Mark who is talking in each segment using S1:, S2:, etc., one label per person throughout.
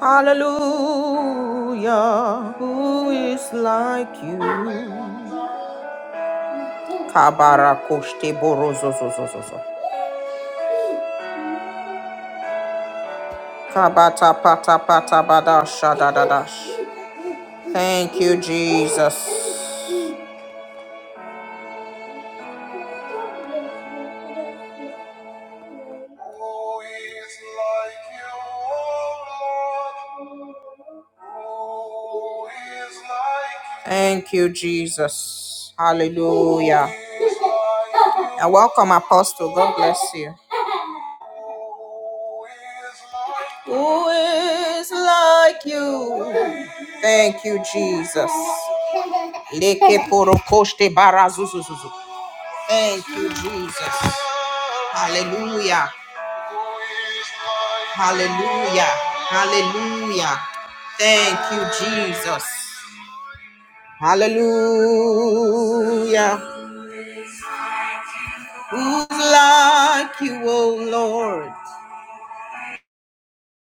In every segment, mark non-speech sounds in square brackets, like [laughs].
S1: Hallelujah. Who is like you? Kabara koshte borozo Kabata pata pata bada shada Thank you, Jesus. Who is like you, O Lord? Who is like you? Thank you, Jesus. Hallelujah. And welcome, Apostle. God bless you. Who is like you? Thank you, Jesus. Lekeporokoshte barazuzuzuzu. Thank you, Jesus. Hallelujah. Hallelujah. Hallelujah. Thank you, Jesus. Hallelujah. Who's like you, O Lord?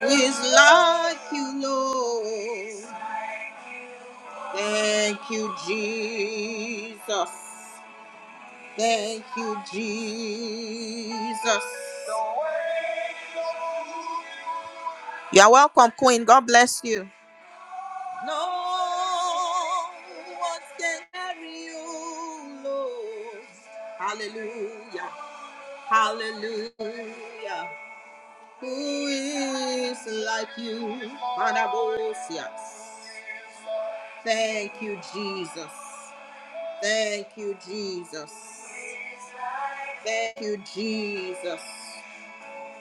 S1: Who is like you, Lord? Thank you, Jesus. Thank you, Jesus. You're welcome, Queen. God bless you. No one can carry you, Lord. Hallelujah. Hallelujah. Who is like you? Anabosias. Thank you, Jesus. Thank you, Jesus. Thank you, Jesus.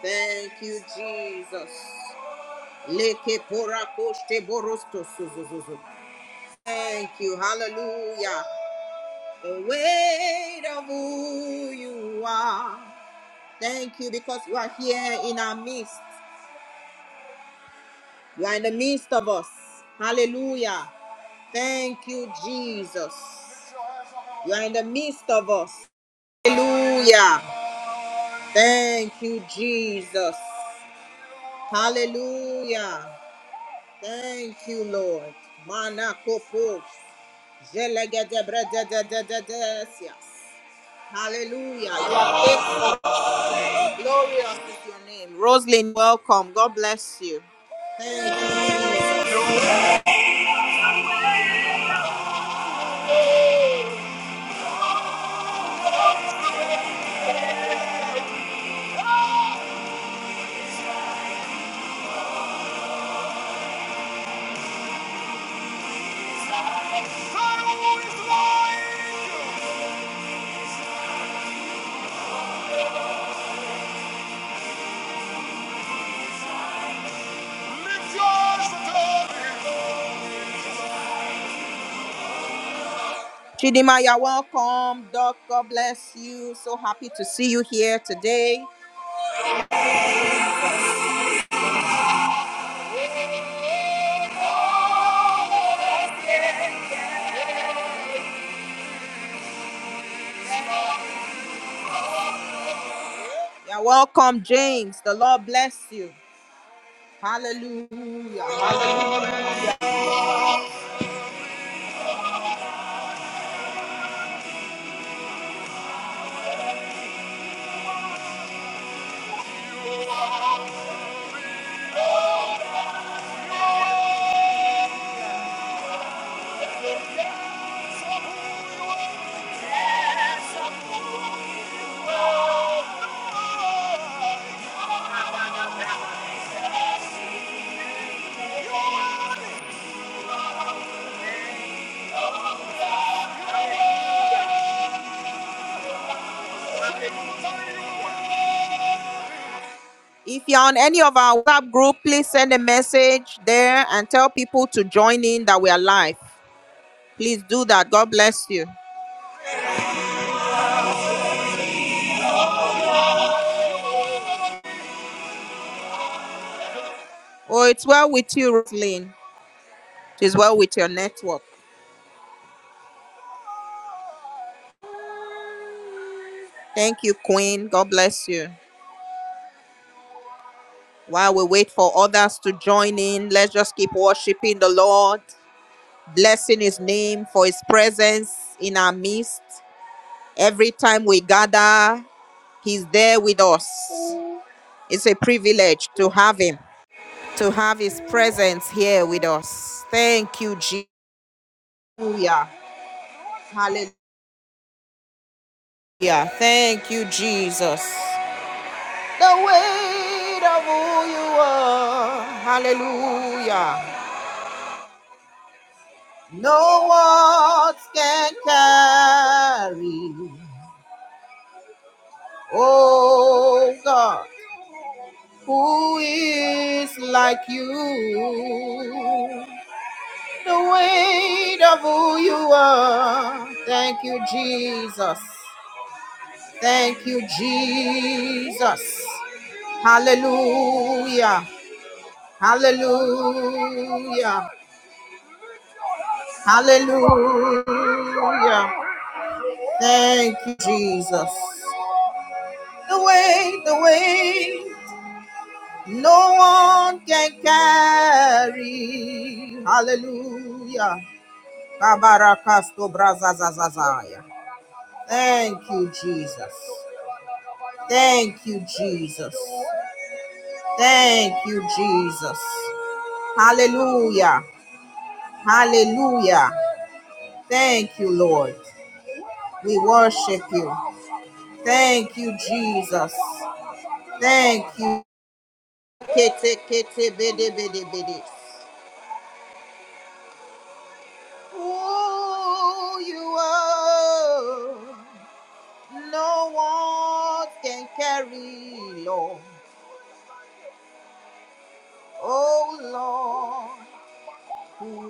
S1: Thank you, Jesus. Leke pora koshte borosto suzuzuzu. Thank you, hallelujah. The weight of who you are. Thank you because you are here in our midst. You are in the midst of us. Hallelujah. Thank you, Jesus. You are in the midst of us. Hallelujah. Thank you, Jesus. Hallelujah. Thank you, Lord. Manakopos. Zelegedebredededededesias. Hallelujah. You are big, glorious is your name. Roslyn, welcome. God bless you. Thank you. Chidima, you're welcome. Doc, God bless you. So happy to see you here today. You're welcome, James. The Lord bless you. Hallelujah. Hallelujah. If you're on any of our WhatsApp group, please send a message there and tell people to join in that we are live. Please do that. God bless you. Oh, it's well with you, Roslyn. It is well with your network. Thank you, Queen. God bless you. While we wait for others to join in, let's just keep worshiping the Lord, blessing His name for His presence in our midst. Every time we gather, He's there with us. It's a privilege to have Him, to have His presence here with us. Thank you, Jesus. Hallelujah. Hallelujah. Thank you, Jesus. The weight of who you are. Hallelujah. No words can carry. Oh God, who is like you? the weight of who you are. Thank you, Jesus. Thank you, Jesus. Hallelujah. Hallelujah. Hallelujah. Thank you, Jesus. The weight, the weight, no one can carry. Hallelujah. Kabarakasto brazazazazaya. Thank you, Jesus. Thank you, Jesus. Thank you, Jesus. Hallelujah. Hallelujah. Thank you, Lord. We worship you. Thank you, Jesus. Thank you. Kete, kete, bede, bede, bede. Who you are, no one can carry, Lord. Oh, Lord, who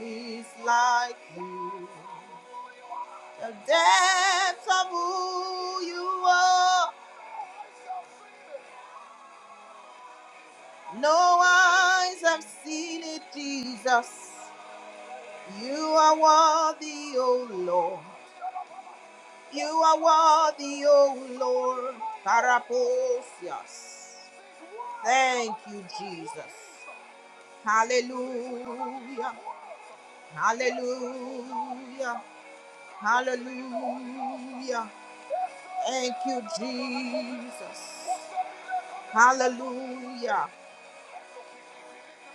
S1: is like you? the depths of who you are. No eyes have seen it, Jesus. You are worthy, O Lord. You are worthy, O Lord. Paraposias. Thank you, Jesus. Hallelujah. Hallelujah. Hallelujah. Thank you, Jesus. Hallelujah.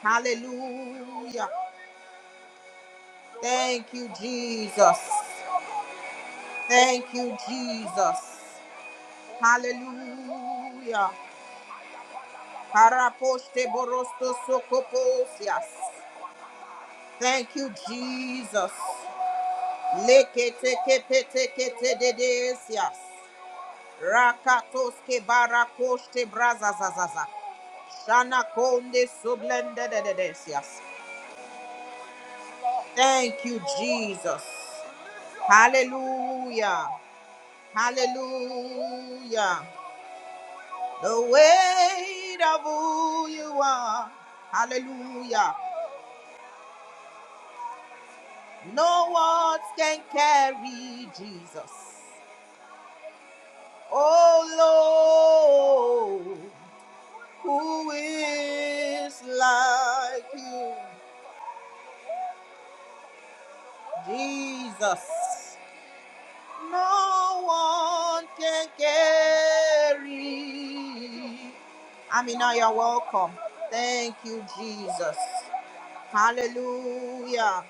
S1: Hallelujah. Thank you, Jesus. Thank you, Jesus. Hallelujah. Haraposte borosto sokoposias. Thank you, Jesus. Lekete kepete kete dedesias. Rakatoske barakoste brazazazaza. Shana konde sublende dedesias. Thank you, Jesus. Hallelujah. Hallelujah. The weight of who you are. Hallelujah. No words can carry Jesus. Oh Lord, who is like you? Jesus. No one can carry. Amina, you're welcome. Thank you, Jesus. Hallelujah.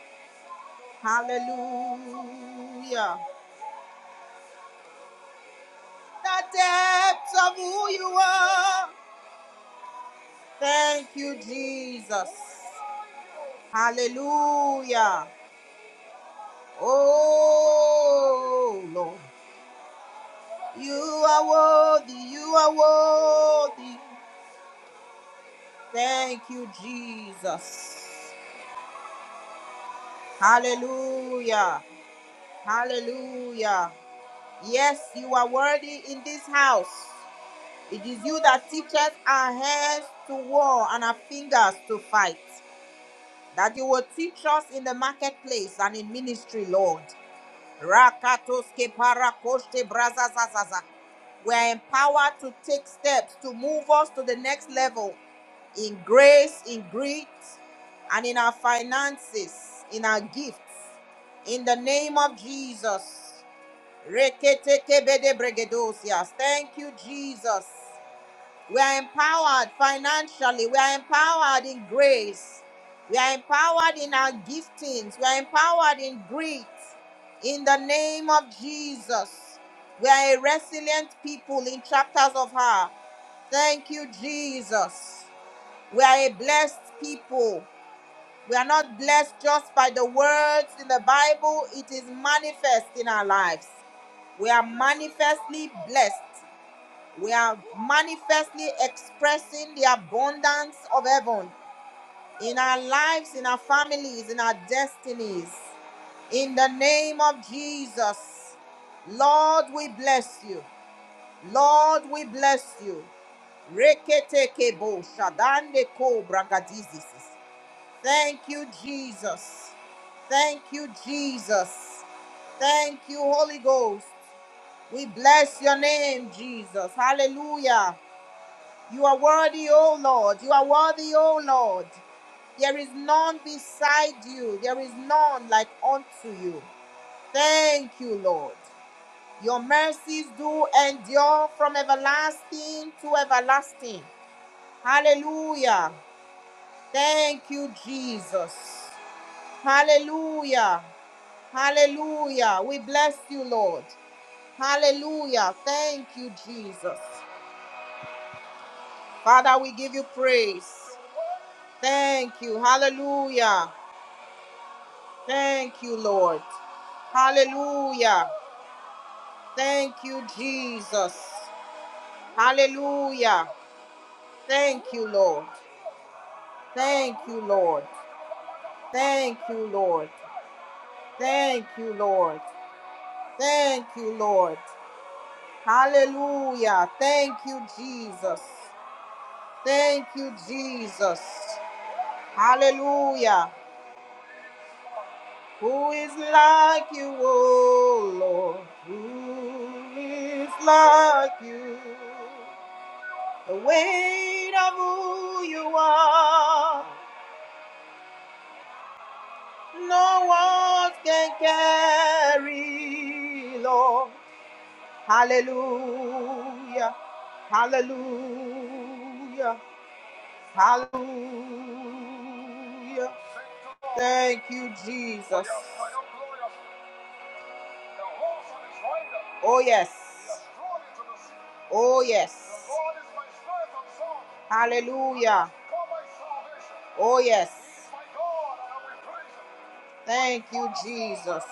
S1: Hallelujah. The depths of who you are. Thank you, Jesus. Hallelujah. Oh, Lord. You are worthy. You are worthy. Thank you, Jesus. Hallelujah. Hallelujah. Yes, you are worthy in this house. It is you that teaches our hands to war and our fingers to fight. That you will teach us in the marketplace and in ministry, Lord. Rakatoske parakoste brazazazaza. We are empowered to take steps to move us to the next level in grace, in grit, and in our finances, in our gifts. In the name of Jesus. Reketekebedebregedosia. Thank you, Jesus. We are empowered financially. We are empowered in grace. We are empowered in our giftings. We are empowered in grit. In the name of Jesus, we are a resilient people in chapters of her. Thank you, Jesus. We are a blessed people. We are not blessed just by the words in the Bible, it is manifest in our lives. We are manifestly blessed we are manifestly expressing the abundance of heaven in our lives, in our families, in our destinies. In the name of Jesus, Lord, we bless you. Lord, we bless you. Reketekebo shadandeko bragadizisis. Thank you, Jesus. Thank you, Jesus. Thank you, Holy Ghost. We bless your name, Jesus. Hallelujah. You are worthy, O Lord. You are worthy, O Lord. There is none beside you. There is none like unto you. Thank you, Lord. Your mercies do endure from everlasting to everlasting. Hallelujah. Thank you, Jesus. Hallelujah. Hallelujah. We bless you, Lord. Hallelujah. Thank you, Jesus. Father, we give you praise. Thank you. Hallelujah. Thank you, Lord. Hallelujah. Thank you, Jesus. Hallelujah. Thank you, Lord. Thank you, Lord. Thank you, Lord. Thank you, Lord. Thank you, Lord. Hallelujah. Thank you, Jesus. Thank you, Jesus. Hallelujah. Who is like you, O Lord? Who is like you? The weight of who you are, no one can carry, Lord. Hallelujah, hallelujah, hallelujah. Thank you, Jesus. Oh, yes, oh, yes. Hallelujah, oh, yes. Thank you, Jesus.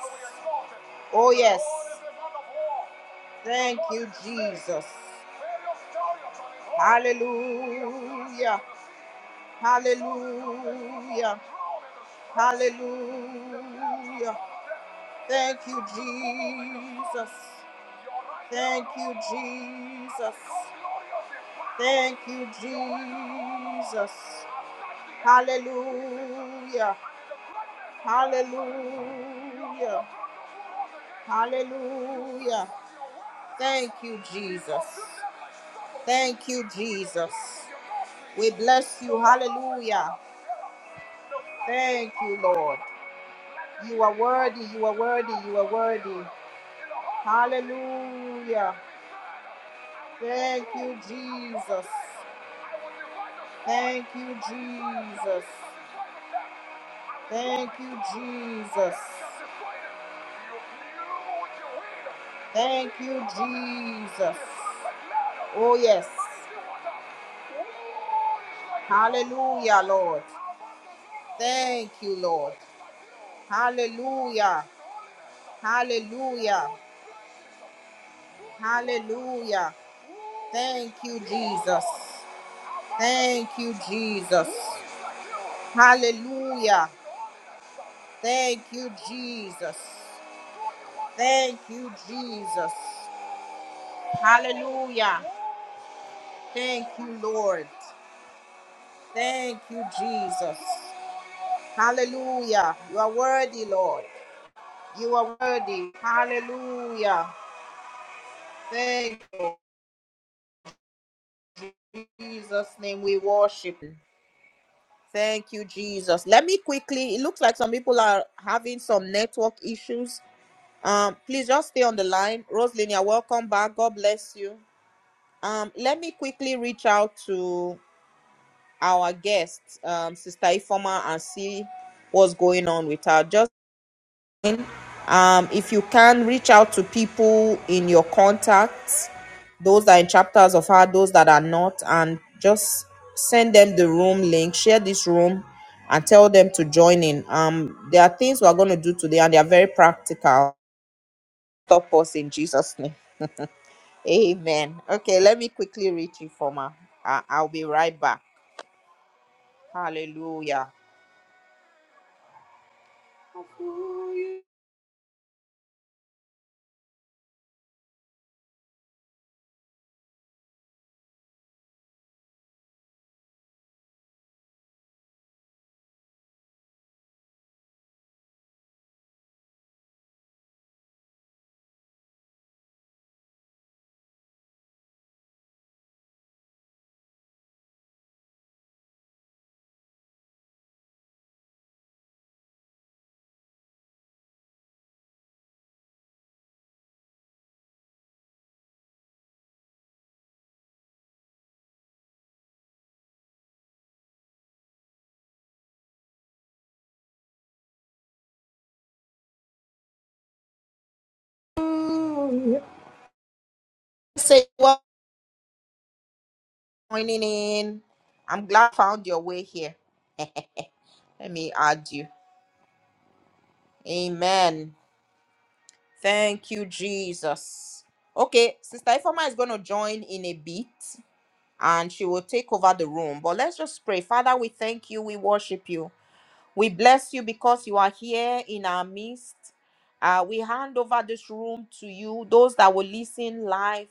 S1: Oh, yes. Thank you, Jesus. Hallelujah. Hallelujah. Hallelujah. Thank you, Jesus. Thank you, Jesus. Thank you, Jesus. Hallelujah. Hallelujah. Hallelujah. Thank you, Jesus. Thank you, Jesus. We bless you. Hallelujah. Thank you, Lord. You are worthy, you are worthy, you are worthy. Hallelujah. Thank you, Jesus. Thank you, Jesus. Thank you, Jesus. Thank you, Jesus. Oh, yes. Hallelujah, Lord. Thank you, Lord. Hallelujah. Hallelujah. Hallelujah. Thank you, Jesus. Thank you, Jesus. Hallelujah. Thank you, Jesus. Thank you, Jesus. Hallelujah. Thank you, Lord. Thank you, Jesus. Hallelujah. You are worthy, Lord. You are worthy. Hallelujah. Thank you, Jesus' name. We worship you. Thank you, Jesus. Let me quickly. It looks like some people are having some network issues. Um, please just stay on the line. Rosalina, welcome back. God bless you. Um, let me quickly reach out to our guests, um, Sister Ifoma, and see what's going on with her. Just um, if you can reach out to people in your contacts, those that are in chapters of her, those that are not, and just send them the room link, share this room, and tell them to join in. Um, there are things we are going to do today, and they are very practical. Stop us in Jesus' name. [laughs] Amen. Okay, let me quickly reach Ifoma. I- I'll be right back. Hallelujah. Say joining in. I'm glad I found your way here. [laughs] Let me add you. Amen. Thank you, Jesus. Okay, Sister Ifoma is going to join in a bit and she will take over the room. But let's just pray. Father, we thank you. We worship you. We bless you because you are here in our midst. Uh, we hand over this room to you, those that will listen live,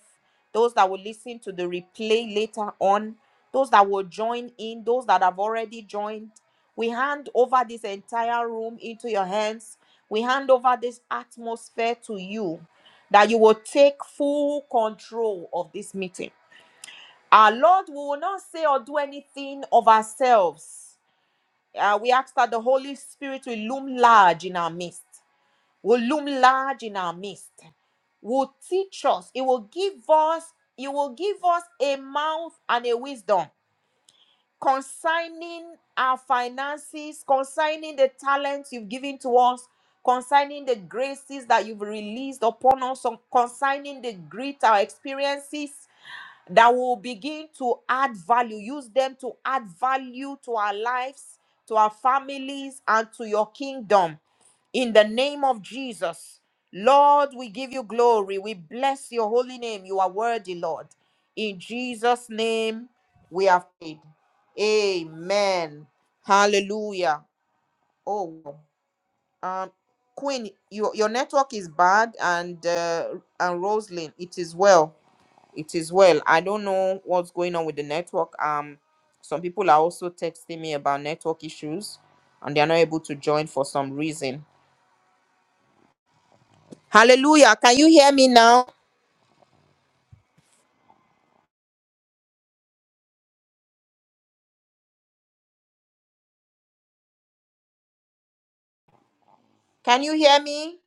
S1: those that will listen to the replay later on, those that will join in, those that have already joined. We hand over this entire room into your hands. We hand over this atmosphere to you that you will take full control of this meeting. Our Lord, we will not say or do anything of ourselves uh, we ask that the Holy Spirit will loom large in our midst, will loom large in our midst, will teach us, it will give us, it will give us a mouth and a wisdom concerning our finances, concerning the talents you've given to us, concerning the graces that you've released upon us, or concerning the grit, our experiences that will begin to add value. Use them to add value to our lives, to our families, and to your kingdom. In the name of Jesus, Lord, we give you glory. We bless your holy name. You are worthy, Lord. In Jesus' name, we have prayed. Amen. Hallelujah. Oh, um, Queen, your your network is bad, and uh, and Roslyn, it is well. It is well. I don't know what's going on with the network. Um, some people are also texting me about network issues and they are not able to join for some reason. Hallelujah. Can you hear me now? Can you hear me?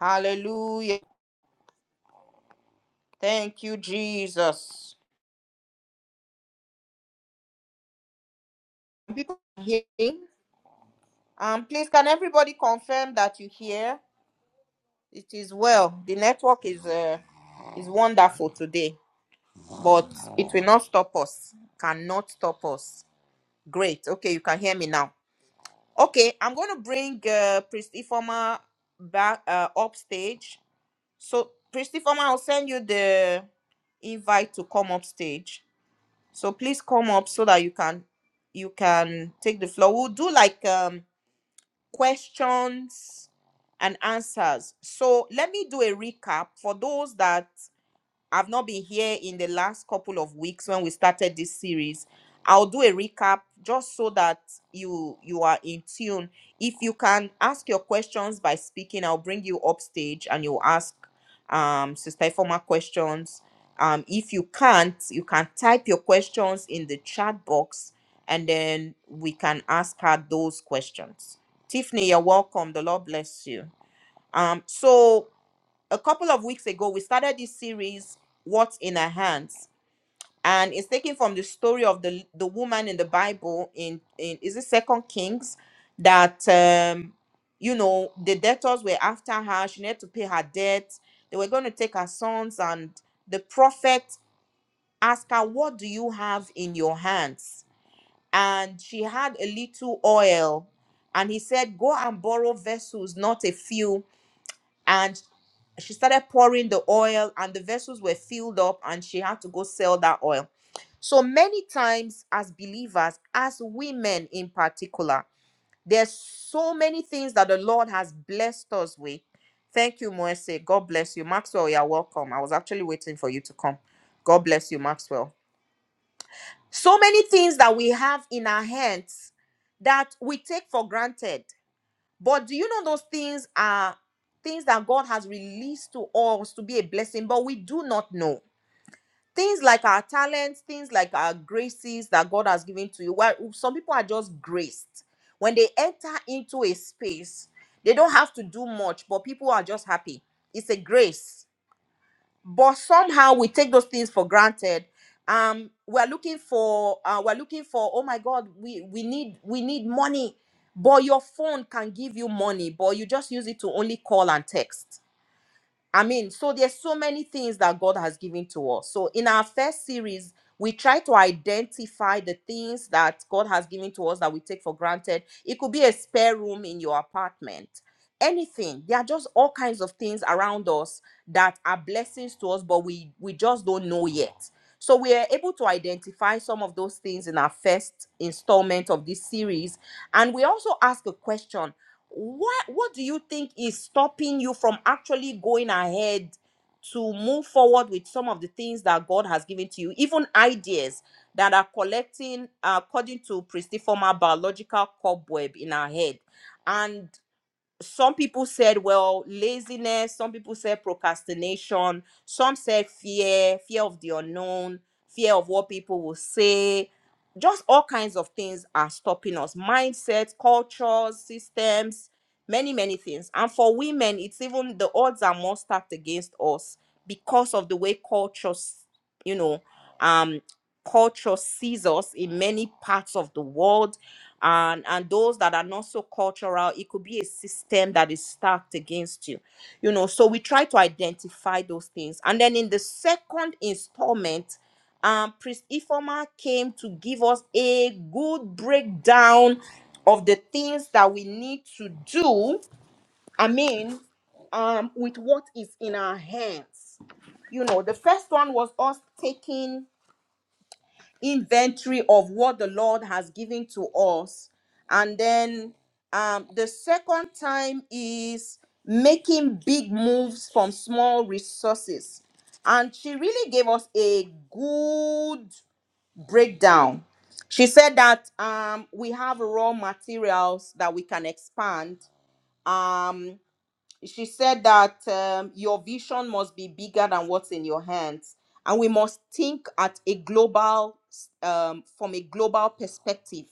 S1: Hallelujah. Thank you, Jesus. People are hearing. Um, please can everybody confirm that you hear? It is well. The network is uh, is wonderful today, but it will not stop us. Cannot stop us. Great. Okay, you can hear me now. Okay, I'm going to bring uh, Priesty Former back uh, upstage. So, Priesty Former, I'll send you the invite to come upstage. So please come up so that you can you can take the floor. We'll do like um, questions and answers. So let me do a recap for those that I've not been here in the last couple of weeks when we started this series. I'll do a recap just so that you you are in tune. If you can ask your questions by speaking, I'll bring you up stage and you'll ask um Sister Ifoma questions. Um, if you can't, you can type your questions in the chat box and then we can ask her those questions. Tiffany, you're welcome. The Lord bless you. Um, so a couple of weeks ago we started this series what's in Her hands and it's taken from the story of the the woman in the bible in in is it second kings that um you know the debtors were after her she needed to pay her debt they were going to take her sons and the prophet asked her what do you have in your hands and she had a little oil and he said go and borrow vessels not a few and she started pouring the oil and the vessels were filled up and she had to go sell that oil so many times as believers as women in particular there's so many things that the lord has blessed us with thank you moese god bless you maxwell you're welcome i was actually waiting for you to come god bless you maxwell so many things that we have in our hands that we take for granted but do you know those things are things that God has released to us to be a blessing, but we do not know. Things like our talents, things like our graces that God has given to you. Well, some people are just graced. When they enter into a space, they don't have to do much, but people are just happy. It's a grace but somehow we take those things for granted um we're looking for uh, we're looking for oh my god we we need we need money but your phone can give you money but you just use it to only call and text i mean so there's so many things that god has given to us so in our first series we try to identify the things that god has given to us that we take for granted it could be a spare room in your apartment anything there are just all kinds of things around us that are blessings to us but we we just don't know yet so we are able to identify some of those things in our first installment of this series and we also ask a question what what do you think is stopping you from actually going ahead to move forward with some of the things that god has given to you even ideas that are collecting uh, according to pristiforma biological cobweb in our head and some people said well laziness some people said procrastination some said fear fear of the unknown fear of what people will say just all kinds of things are stopping us mindset cultures systems many many things and for women it's even the odds are more stacked against us because of the way cultures you know um culture sees us in many parts of the world and and those that are not so cultural it could be a system that is stacked against you you know so we try to identify those things and then in the second installment um priest ifoma came to give us a good breakdown of the things that we need to do i mean um with what is in our hands you know the first one was us taking inventory of what the Lord has given to us. And then um, the second time is making big moves from small resources. And she really gave us a good breakdown. She said that um, we have raw materials that we can expand. Um, she said that um, your vision must be bigger than what's in your hands and we must think at a global s- um, from a global perspective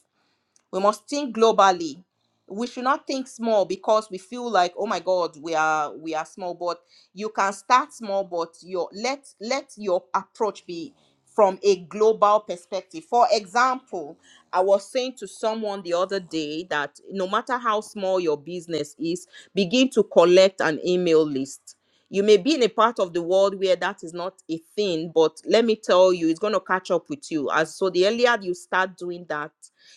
S1: we must think globally we should not think small because we feel like oh my god we are we are small but you can start small but your let let your approach be from a global perspective for example i was saying to someone the other day that no matter how small your business is begin to collect an email list you may be in a part of the world where that is not a thing, but let me tell you, it's going to catch up with you. And so the earlier you start doing that,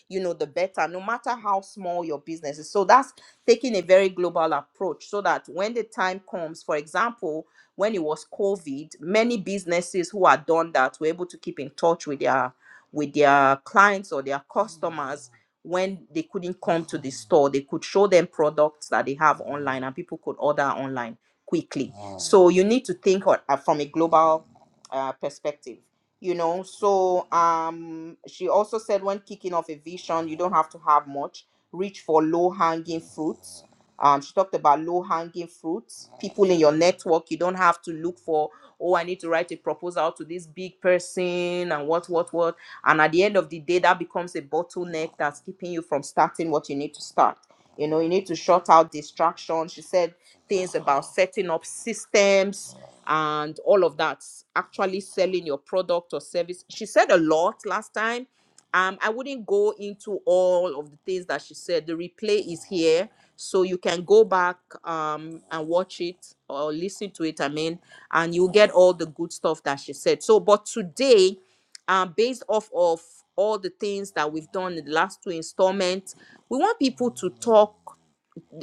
S1: you know, the better, no matter how small your business is. So that's taking a very global approach so that when the time comes, for example, when it was COVID, many businesses who had done that were able to keep in touch with their with their clients or their customers when they couldn't come to the store they could show them products that they have online and people could order online quickly so you need to think on- uh, from a global uh, perspective you know so um she also said when kicking off a vision you don't have to have much reach for low hanging fruits um she talked about low hanging fruits people in your network you don't have to look for oh i need to write a proposal to this big person and what what what and at the end of the day that becomes a bottleneck that's keeping you from starting what you need to start you know, you need to shut out distractions. She said things about setting up systems and all of that, actually selling your product or service. She said a lot last time. Um, I wouldn't go into all of the things that she said. The replay is here, so you can go back um, and watch it or listen to it. I mean, and you'll get all the good stuff that she said. So, but today, um, based off of all the things that we've done in the last two installments. We want people to talk.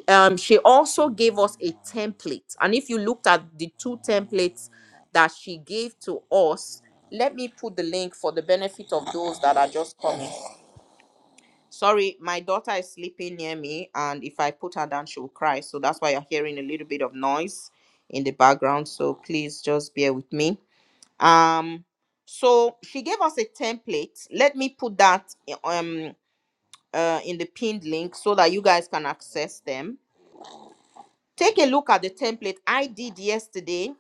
S1: Um, she also gave us a template, and if you looked at the two templates that she gave to us, let me put the link for the benefit of those that are just coming. Sorry, my daughter is sleeping near me, and if I put her down, she will cry. So that's why you're hearing a little bit of noise in the background. So please just bear with me um so she gave us a template let me put that eh, um uh, in the pinned link so that you guys can access them take a look at the template i did yesterday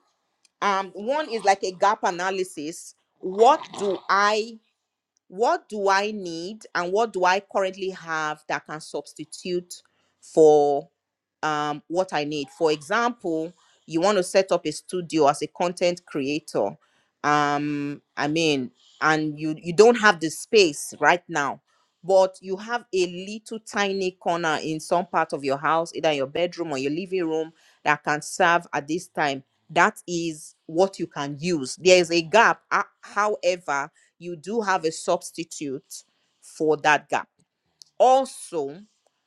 S1: um one is like a gap analysis what do i what do I need and what do I currently have that can substitute for um, what I need? For example, you want to set up a studio as a content creator. Um, I mean, and you you don't have the space right now, but you have a little tiny corner in some part of your house, either your bedroom or your living room, that can serve at this time. That is what you can use. There is a gap. uh, However, you do have a substitute for that gap. Also,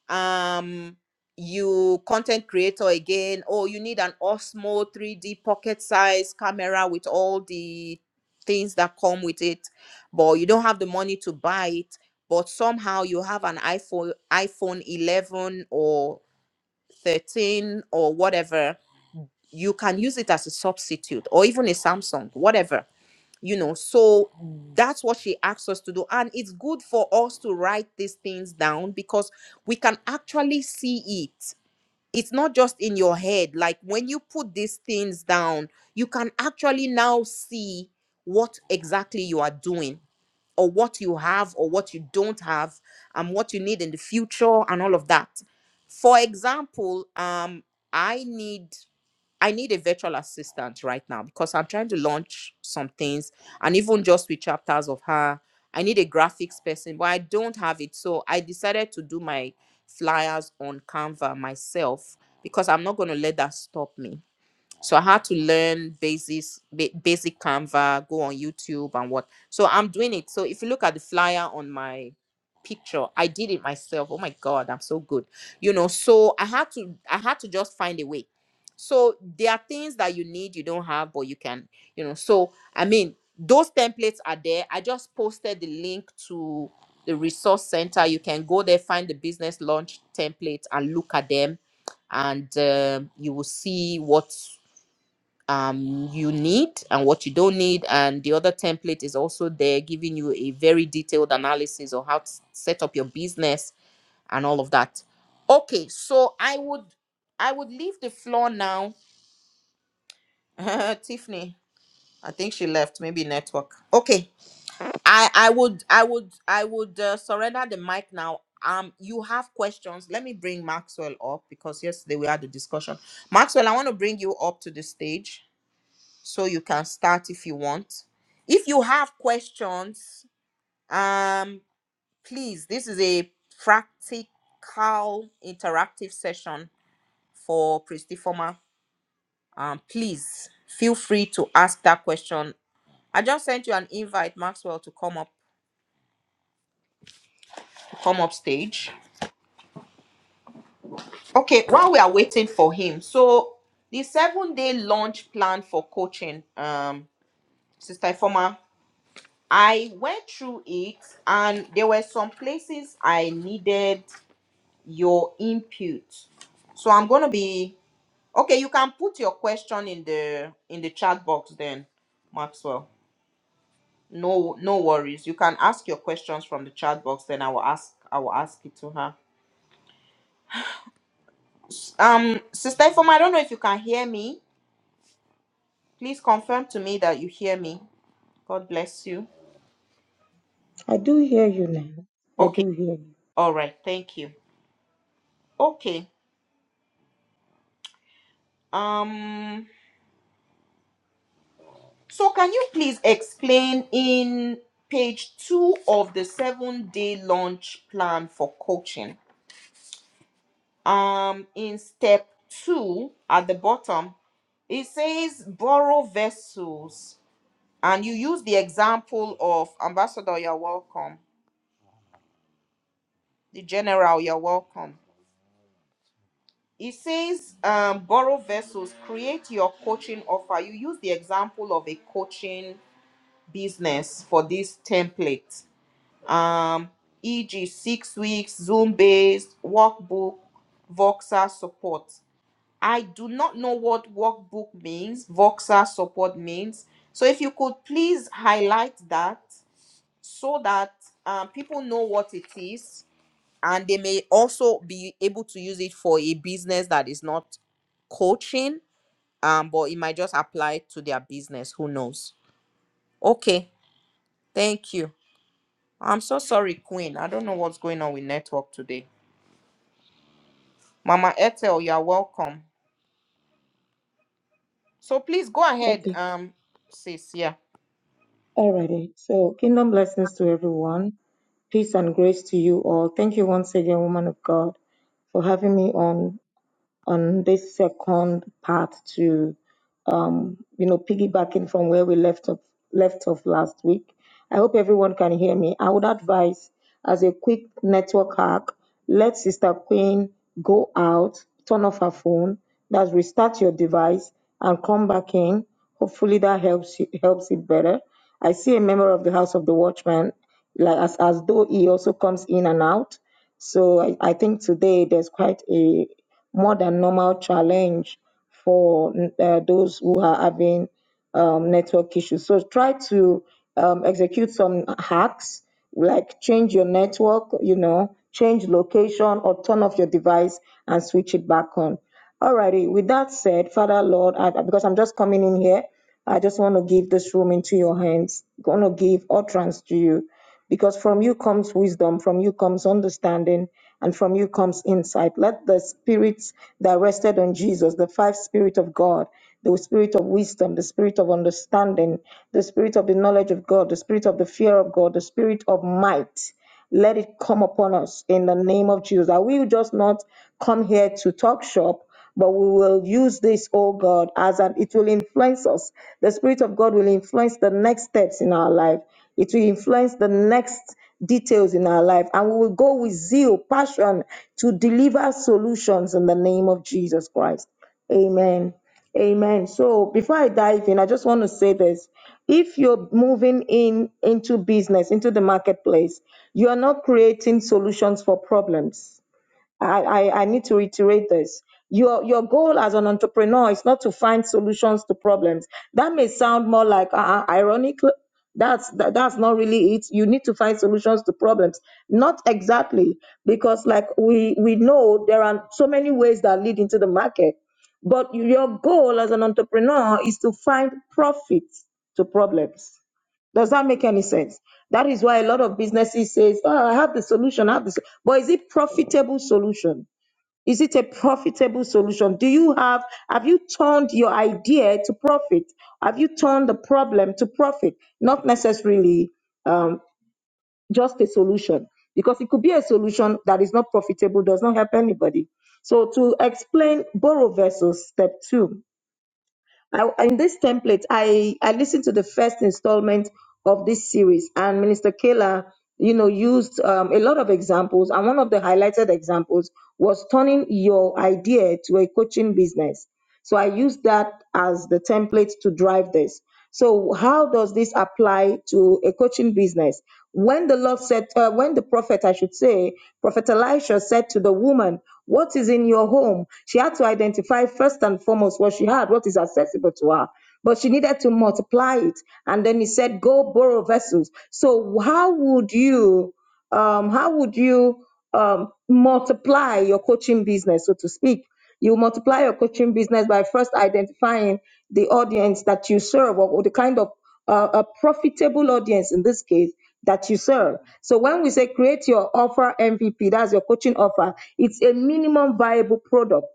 S1: um, you content creator again, oh, you need an Osmo 3D pocket size camera with all the things that come with it, but you don't have the money to buy it. But somehow you have an iPhone, iPhone 11 or 13 or whatever, you can use it as a substitute or even a Samsung, whatever you know so that's what she asks us to do and it's good for us to write these things down because we can actually see it it's not just in your head like when you put these things down you can actually now see what exactly you are doing or what you have or what you don't have and what you need in the future and all of that for example um i need I need a virtual assistant right now because I'm trying to launch some things and even just with chapters of her. I need a graphics person, but I don't have it. So I decided to do my flyers on Canva myself because I'm not going to let that stop me. So I had to learn basics, ba- basic Canva, go on YouTube and what. So I'm doing it. So if you look at the flyer on my picture, I did it myself. Oh my God, I'm so good. You know, so I had to, I had to just find a way. So there are things that you need, you don't have, but you can, you know. So I mean, those templates are there. I just posted the link to the resource center. You can go there, find the business launch templates and look at them and um, you will see what um, you need and what you don't need. And the other template is also there, giving you a very detailed analysis of how to s- set up your business and all of that. Okay, so I would I would leave the floor now. [laughs] Tiffany, I think she left. Maybe network. Okay, I I would I would I would uh, surrender the mic now. Um, you have questions. Let me bring Maxwell up because yesterday we had a discussion. Maxwell, I want to bring you up to the stage so you can start if you want if you have questions um please this is a practical interactive session for pristiforma um please feel free to ask that question i just sent you an invite maxwell to come up to come up stage okay while we are waiting for him so the seven day launch plan for coaching um sister Ifoma. I went through it, and there were some places I needed your input. So I'm gonna be okay. You can put your question in the in the chat box then, Maxwell. No, no worries. You can ask your questions from the chat box. Then I will ask. I will ask it to her. Um, Sister Ifoma, I don't know if you can hear me. Please confirm to me that you hear me. God bless you.
S2: I do hear you now. I
S1: Okay.
S2: do hear you.
S1: All right. Thank you. Okay. Um. So, can you please explain in page two of the seven day launch plan for coaching? Um, in step two at the bottom, it says borrow vessels, and you use the example of ambassador, you're welcome, the general, you're welcome. It says um, borrow vessels, create your coaching offer. You use the example of a coaching business for this template um, e.g., six weeks, Zoom based, workbook, Voxer support. I do not know what workbook means, Voxer support means. So if you could please highlight that so that um, people know what it is and they may also be able to use it for a business that is not coaching, um, but it might just apply to their business. Who knows? Okay, thank you. I'm so sorry, Queen. I don't know what's going on with network today. Mama Ethel, you are welcome. So please go ahead,
S2: Okay.
S1: um, sis. Yeah.
S2: Alrighty. So, kingdom blessings to everyone. Peace and grace to you all. Thank you once again, woman of God, for having me on on this second part to you know, piggybacking from where we left off left off last week. I hope everyone can hear me. I would advise as a quick network hack, let Sister Queen go out, turn off her phone, that's restart your device and come back in. Hopefully that helps you, helps it better. I see a member of the House of the Watchman, like as, as though he also comes in and out. So I, I think today there's quite a more than normal challenge for uh, those who are having um, network issues. So try to um, execute some hacks like change your network, you know, change location or turn off your device and switch it back on. Alrighty, with that said, Father Lord, I, because I'm just coming in here, I just want to give this room into your hands, going to give utterance to you because from you comes wisdom, from you comes understanding, and from you comes insight. Let the spirits that rested on Jesus, the five spirit of God, the spirit of wisdom, the spirit of understanding, the spirit of the knowledge of God, the spirit of the fear of God, the spirit of might, let it come upon us in the name of Jesus. That we will just not come here to talk shop, but we will use this, oh God, as an it will influence us. The Spirit of God will influence the next steps in our life. It will influence the next details in our life. And we will go with zeal, passion to deliver solutions in the name of Jesus Christ. Amen. Amen. So before I dive in, I just want to say this. If you're moving in into business, into the marketplace, you are not creating solutions for problems. I, I, I need to reiterate this. Your your goal as an entrepreneur is not to find solutions to problems. That may sound more like uh, uh, ironic. That's that, that's not really it. You need to find solutions to problems. Not exactly because like we we know there are so many ways that lead into the market, but your goal as an entrepreneur is to find profit to problems. Does that make any sense? That is why a lot of businesses says, "Oh, I have the solution, I have this." But is it profitable solution? Is it a profitable solution? Do you have have you turned your idea to profit? Have you turned the problem to profit? Not necessarily um, just a solution, because it could be a solution that is not profitable, does not help anybody. So to explain borrow versus step two, I, in this template, I, I listened to the first installment of this series, and Minister Kayla, you know, used um, a lot of examples. And one of the highlighted examples was turning your idea to a coaching business. So I used that as the template to drive this. So how does this apply to a coaching business? When the Lord said, uh, when the prophet, I should say, Prophet Elisha said to the woman, "What is in your home?" She had to identify first and foremost what she had, what is accessible to her. But she needed to multiply it, and then he said, "Go borrow vessels." So how would you, um, how would you um, multiply your coaching business, so to speak? You multiply your coaching business by first identifying the audience that you serve or or the kind of uh, a profitable audience in this case that you serve. So when we say create your offer MVP, that's your coaching offer, it's a minimum viable product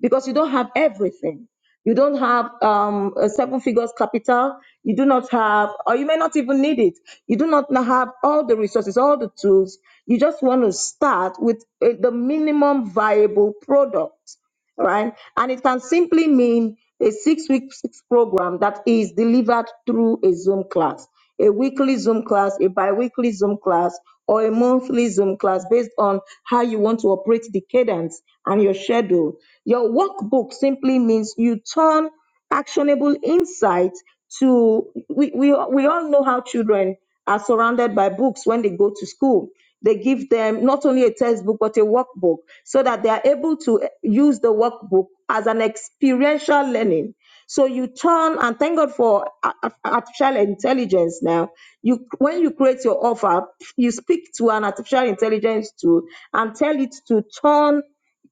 S2: because you don't have everything. You don't have um, a seven figures capital. You do not have, or you may not even need it. You do not have all the resources, all the tools. You just want to start with uh, the minimum viable product right? And it can simply mean a six week program that is delivered through a Zoom class, a weekly Zoom class, a bi weekly Zoom class, or a monthly Zoom class based on how you want to operate the cadence and your schedule. Your workbook simply means you turn actionable insight to we, we we all know how children are surrounded by books when they go to school they give them not only a textbook but a workbook so that they are able to eh, use the workbook as an experiential learning so you turn and thank god for a- a- artificial intelligence now you when you create your offer you speak to an artificial intelligence tool and tell it to turn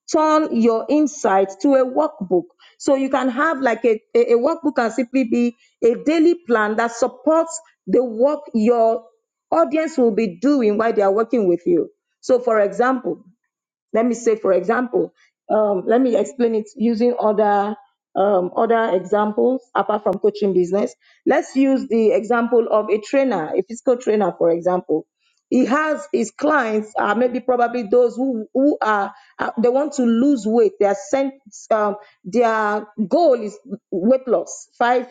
S2: turn your insight to a workbook. So you can have like a, a, a workbook can simply be a daily plan that supports the work your audience will be doing while they are working with you. So, for example, let me say for example um, let me explain it using other um, other examples apart from coaching business let's use the example of a trainer a physical trainer for example he has his clients are maybe probably those who who are uh, they want to lose weight their sent um, their goal is weight loss five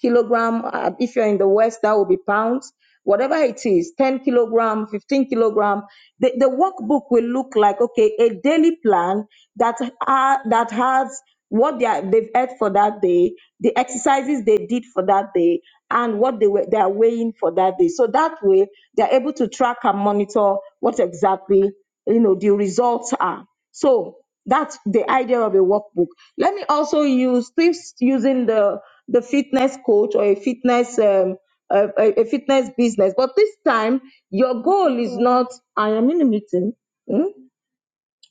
S2: kilogram. Uh, if you're in the West, that will be pounds. Whatever it is, 10 kilogram, 15 kilogram. The, the workbook will look like, okay, a daily plan that, ha- that has what they are, they've ate for that day, the exercises they did for that day, and what they were, they are weighing for that day. So that way, they're able to track and monitor what exactly, you know, the results are. So that's the idea of a workbook. Let me also use still using the the fitness coach or a fitness um, a, a a fitness business, but this time your goal is not I am in a meeting. Hmm?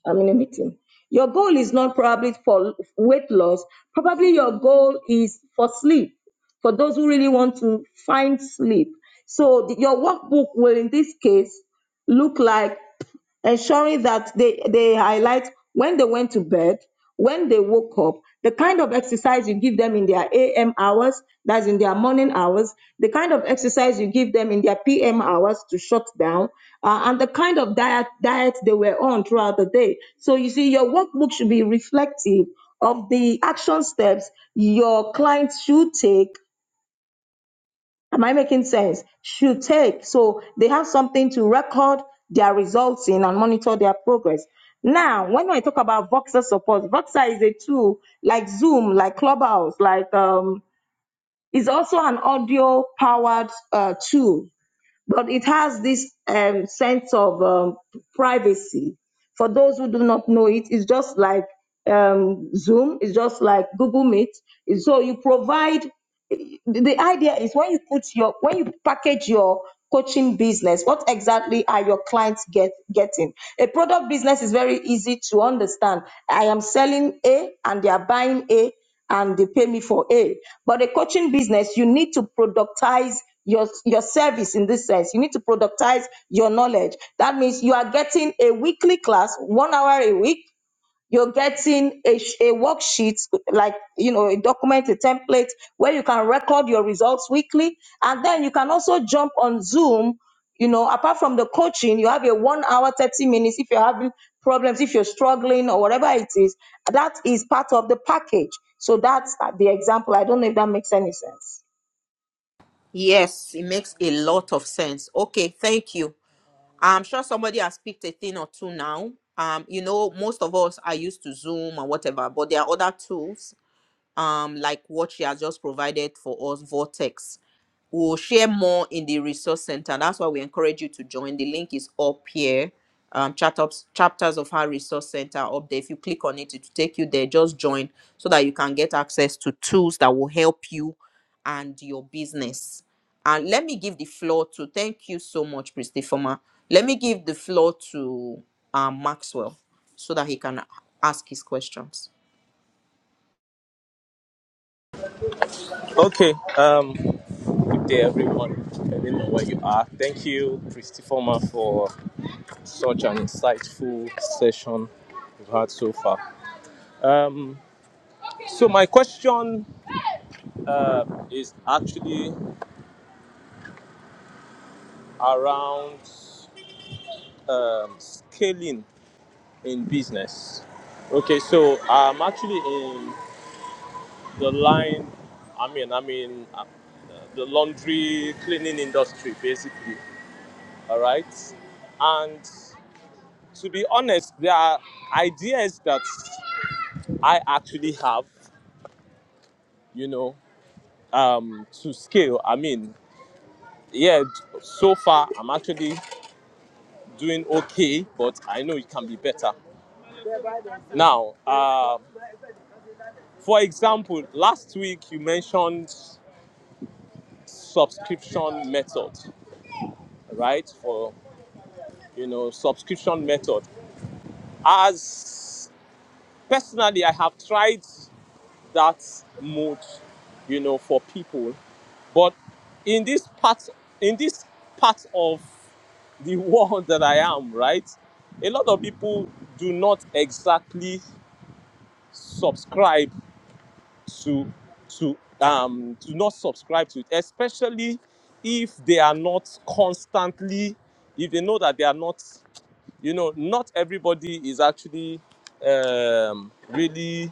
S2: I'm in a meeting. Your goal is not probably for weight loss. Probably your goal is for sleep for those who really want to find sleep. So the- your workbook will, in this case, look like ensuring that they, they highlight when they went to bed, when they woke up, the kind of exercise you give them in their AM hours, that's in their morning hours, the kind of exercise you give them in their PM hours to shut down, uh, and the kind of diet diet they were on throughout the day. So you see, your workbook should be reflective of the action steps your clients should take Am I making sense? Should take. So they have something to record their results in and monitor their progress. Now, when I talk about Voxer support, Voxer is a tool like Zoom, like Clubhouse, like um, it's also an audio powered uh, tool but it has this um, sense of um, privacy for those who do not know it it's just like um, zoom it's just like google meet so you provide the the idea is when you put your when you package your coaching business what exactly are your clients get getting a product business is very easy to understand i am selling a and they are buying a and they pay me for A. But a coaching business, you need to productize your your service in this sense. You need to productize your knowledge. That means you are getting a weekly class, one hour a week, you're getting a, sh- a worksheet like you know a document a template where you can record your results weekly and then you can also jump on zoom you know apart from the coaching you have a one hour 30 minutes if you're having problems if you're struggling or whatever it is that is part of the package so that's the example i don't know if that makes any sense
S1: Yes, it makes a lot of sense. Okay, thank you. I'm sure somebody has picked a thing or two now. Um, you know, most of us are used to Zoom and whatever, but there are other tools um, like what she has just provided for us, Vortex. We'll share more in the resource center. That's why we encourage you to join. The link is up here. Um, chat ups, chapters of her resource center up there. If you click on it, it will take you there. Just join so that you can get access to tools that will help you and your business. And let me give the floor to thank you so much, Christy Former. Let me give the floor to um, Maxwell so that he can ask his questions.
S3: Okay, um, good day everyone. I don't know where you are. Thank you, Christy Former, for such an insightful session we've had so far. Um, so my question uh, is actually around um, scaling in business. Okay, so I'm actually in the line. I mean, I mean, uh, the laundry cleaning industry, basically. All right, and to be honest, there are ideas that I actually have, you know, um, to scale. I mean, yeah, so far I'm actually doing okay, but I know it can be better. Now, uh, for example, last week you mentioned subscription method, right? For you know, subscription method. As personally, I have tried. that mode, you know, for people. But in this part, in this part of the [laughs] world that I am, right, a lot of people do not exactly subscribe to to um do not subscribe to it, especially if they are not constantly, if they know that they are not, you know, not everybody is actually um really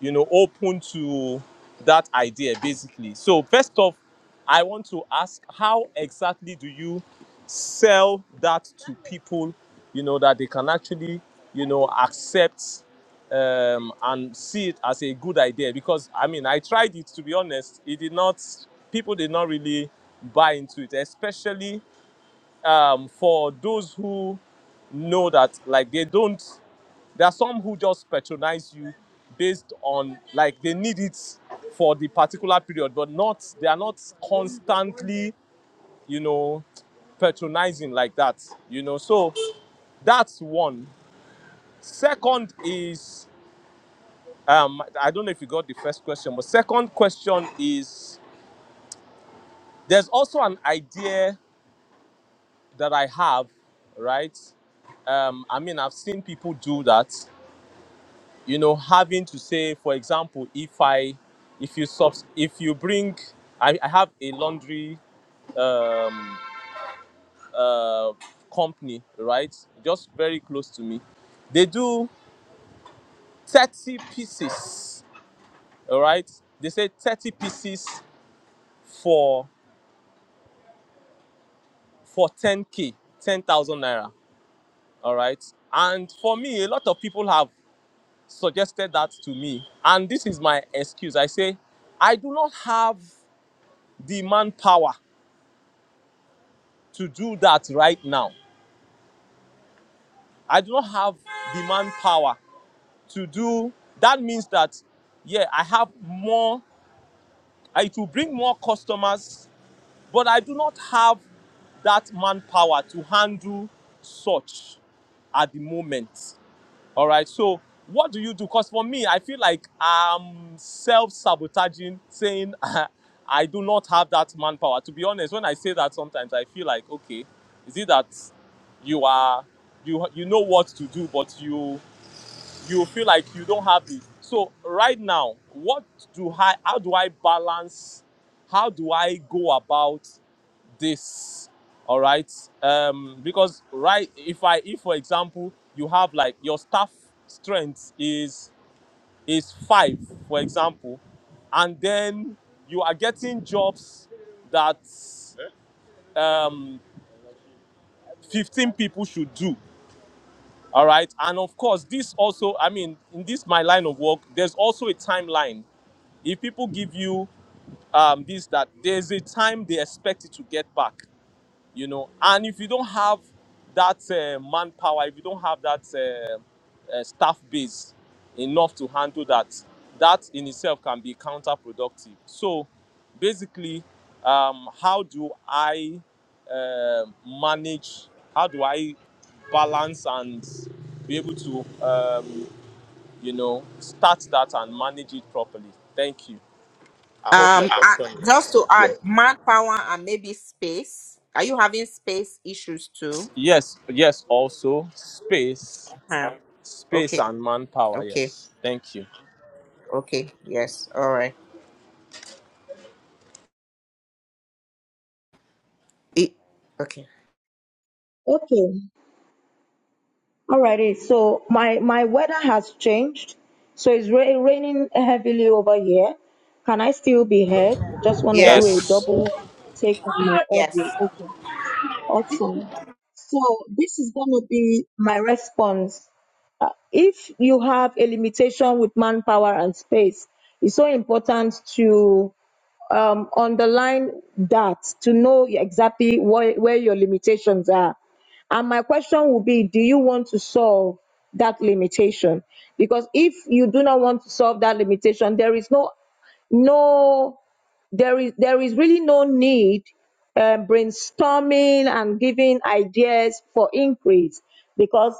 S3: you know open to that idea basically so first off i want to ask how exactly do you sell that to people you know that they can actually you know accept um, and see it as a good idea because i mean i tried it to be honest it did not people did not really buy into it especially um, for those who know that like they don't there are some who just patronize you based on like they need it for the particular period, but not they are not constantly, you know, patronizing like that. You know, so that's one. Second is um, I don't know if you got the first question, but second question is there's also an idea that I have, right? Um, I mean, I've seen people do that you know having to say for example if i if you subs if you bring i, I have a laundry um, uh, company right just very close to me they do 30 pieces all right they say 30 pieces for for 10k 10000 naira all right and for me a lot of people have suggested that to me and this is my excuse i say i do not have the manpower to do that right now. I do not have the manpower to do that means that yeah, I have more it will bring more customers, but I do not have that manpower to handle such at the moment. All right. So what do you do? Because for me, I feel like I'm self-sabotaging, saying [laughs] I do not have that manpower. To be honest, when I say that, sometimes I feel like, okay, is it that you are you you know what to do, but you you feel like you don't have it. So right now, what do I? How do I balance? How do I go about? this all right um because right if i if for example you have like your staff strength is is five for example and then you are getting jobs that um 15 people should do all right and of course this also i mean in this my line of work there's also a timeline if people give you um, this that there's a time they expect it to get back you know and if you don't have that uh, manpower if you don't have that uh, uh, staff base enough to handle that that in itself can be counterproductive so basically um, how do i um manage how do i balance and be able to um, you know start that and manage it properly thank you i hope my
S1: Um, I,
S3: question
S1: just
S3: is
S1: to add, manpower and maybe space. Are you having space issues too?
S3: yes yes also space
S1: Huh.
S3: Space
S1: Okay,
S3: and manpower,
S1: okay,
S3: yes. Thank you.
S1: okay. Yes, all right. It, okay.
S2: Okay. Alrighty, so my my weather has changed, so it's ra- raining heavily over here. Can I still be heard? Just want to do a
S1: Yes,
S3: Yes.
S2: double take on my audio.
S1: yes.
S2: Okay, awesome. So this is going to be my response. If you have a limitation with manpower and space, it's so important to um, underline that to know exactly where, where your limitations are. And my question will be do you want to solve that limitation? Because if you do not want to solve that limitation, there is no no there is there is really no need um, brainstorming and giving ideas for increase because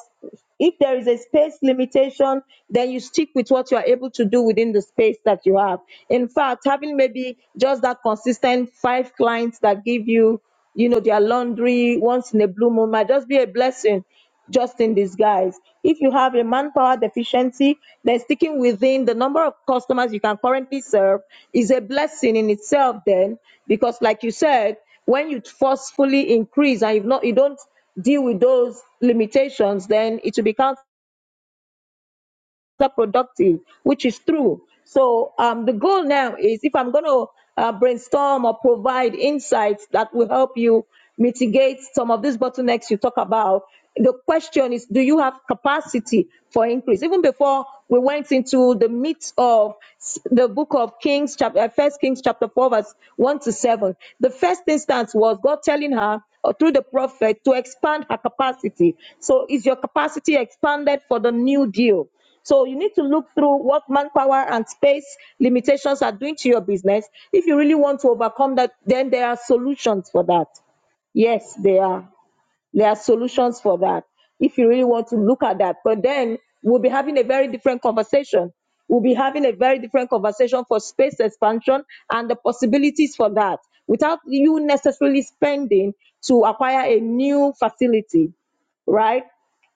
S2: if there is a space limitation then you stick with what you are able to do within the space that you have in fact having maybe just that consistent five clients that give you you know, their laundry once in a blue moon might just be a blessing just in disguise. If you have a manpower deficiency, then sticking within the number of customers you can currently serve is a blessing in itself then, because like you said, when you forcefully increase and you've not you don't deal with those limitations, then it will be are productive, which is true. So um, the goal now is if I'm going to uh, brainstorm or provide insights that will help you mitigate some of these bottlenecks you talk about, the question is, do you have capacity for increase? Even before we went into the meat of s- the book of Kings, chapter uh, First Kings, chapter four, verse one to seven, the first instance was God telling her or through the prophet to expand her capacity. So, is your capacity expanded for the new deal? So you need to look through what manpower and space limitations are doing to your business. If you really want to overcome that, then there are solutions for that. Yes, there are. There are solutions for that. If you really want to look at that, but then we'll be having a very different conversation. We'll be having a very different conversation for space expansion and the possibilities for that without you necessarily spending to acquire a new facility, right?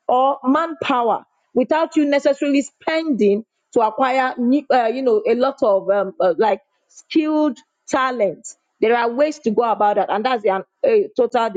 S2: or manpower without you necessarily spending to acquire new- uh, you know a lot of um, uh, like skilled talent there are ways to go about that and that's a, a total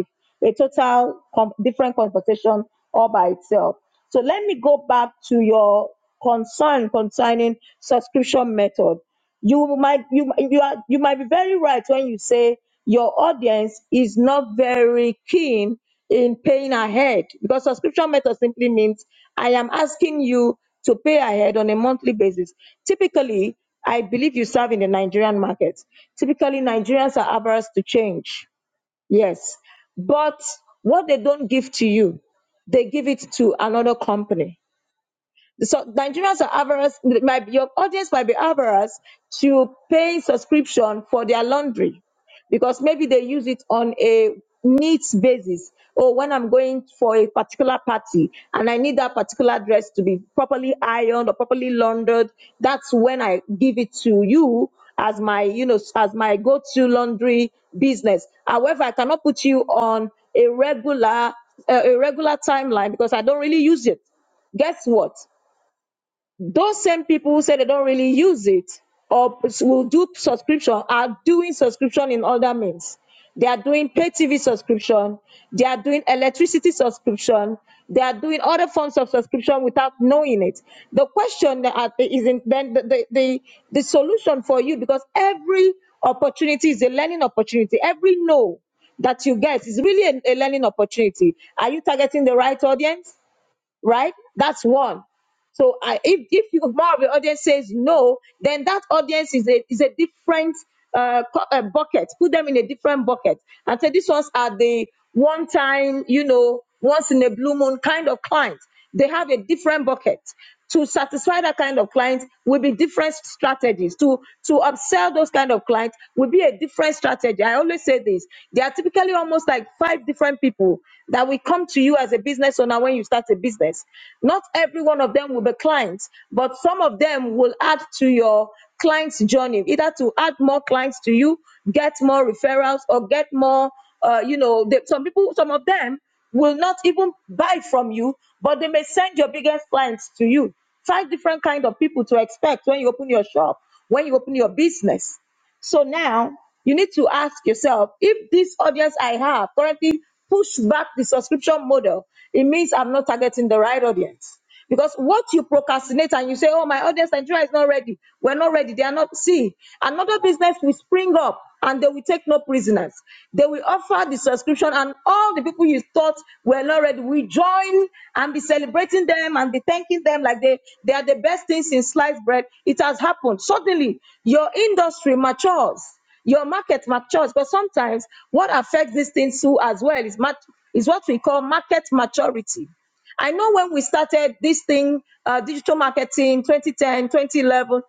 S2: a total com- different conversation all by itself so let me go back to your concern concerning subscription method you might you you are you might be very right when you say your audience is not very keen in paying ahead because subscription method simply means i am asking you to pay ahead on a monthly basis typically i believe you serve in the nigerian market typically nigerians are averse to change yes but what they don't give to you they give it to another company so Nigerians are avarice. My, your audience might be avarice to paying subscription for their laundry because maybe they use it on a needs basis. Or when I'm going for a particular party and I need that particular dress to be properly ironed or properly laundered, that's when I give it to you as my, you know, as my go-to laundry business. However, I cannot put you on a regular, uh, a regular timeline because I don't really use it guess what? those same people who say they don't really use it or will do subscription are doing subscription in other means. They are doing pay TV subscription, they are doing electricity subscription, they are doing other forms of subscription without knowing it. The question that I- is in, then the, the, the, the solution for you because every opportunity is a learning opportunity, every no that you get is really a, a learning opportunity. Are you targeting the right audience? right? That's one. So I, if if you, more of the audience says no, then that audience is a is a different uh, co- uh, bucket. Put them in a different bucket and say these ones are the one time, you know, once in a blue moon kind of clients. They have a different bucket to satisfy that kind of client will be different strategies to to upsell those kind of clients will be a different strategy i always say this there are typically almost like five different people that will come to you as a business owner when you start a business not every one of them will be clients but some of them will add to your clients journey either to add more clients to you get more referrals or get more uh, you know the, some people some of them will not even buy from you, but they may send your biggest clients to you. Five different kind of people to expect when you open your shop, when you open your business. So now you need to ask yourself if this audience I have currently push back the subscription model, it means I'm not targeting the right audience. Because what you procrastinate and you say, Oh, my audience, Nigeria is not ready. We're not ready. They are not. See, another business will spring up and they will take no prisoners. They will offer the subscription, and all the people you thought were not ready will join and be celebrating them and be thanking them like they, they are the best things in sliced bread. It has happened. Suddenly, your industry matures, your market matures. But sometimes, what affects these things too as well is, mat- is what we call market maturity. I know when we started this thing, uh, digital marketing 2010, 2011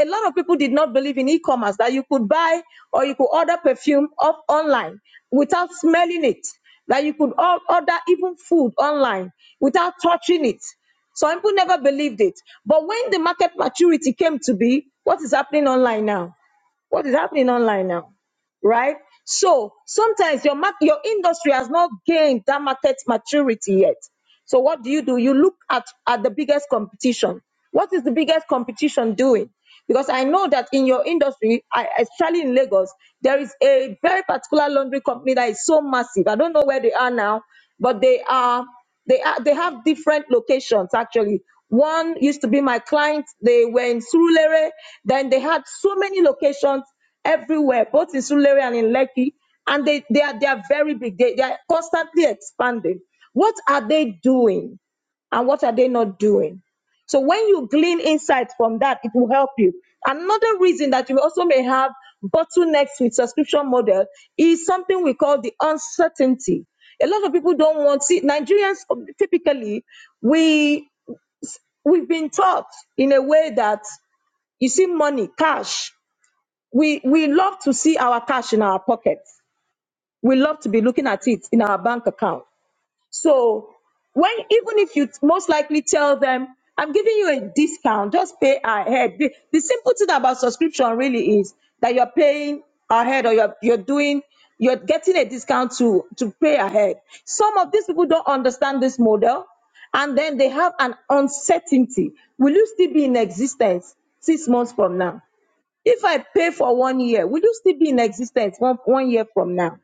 S2: a lot of people did not believe in e-commerce that you could buy or you could order perfume off online without smelling it that you could or- order even food online without touching it some people never believed it but when the market maturity came to be what is happening online now what is happening online now right? So sometimes your mark, your industry has not gained that market maturity yet. So what do you do? You look at at the biggest competition. What is the biggest competition doing? Because I know that in your industry, I, especially in Lagos, there is a very particular laundry company that is so massive. I don't know where they are now, but they are they are they have different locations actually. One used to be my client. They were in Surulere. Then they had so many locations everywhere, both in Sulere and in Lekki, and they, they are they are very big. They, they are constantly expanding. What are they doing, and what are they not doing? So when you glean insights from that, it will help you. Another reason that you also may have bottlenecks with subscription model is something we call the uncertainty. A lot of people don't want see Nigerians um, typically we we've been taught in a way that you see money, cash we we love to see our cash in our pockets we love to be looking at it in our bank account so when even if you most likely tell them i'm giving you a discount just pay ahead the, the simple thing about subscription really is that you're paying ahead or you're, you're doing you're getting a discount to to pay ahead some of these people don't understand this model and then they have an uncertainty will you still be in existence six months from now if i pay for one year will you still be in existence one, one year from now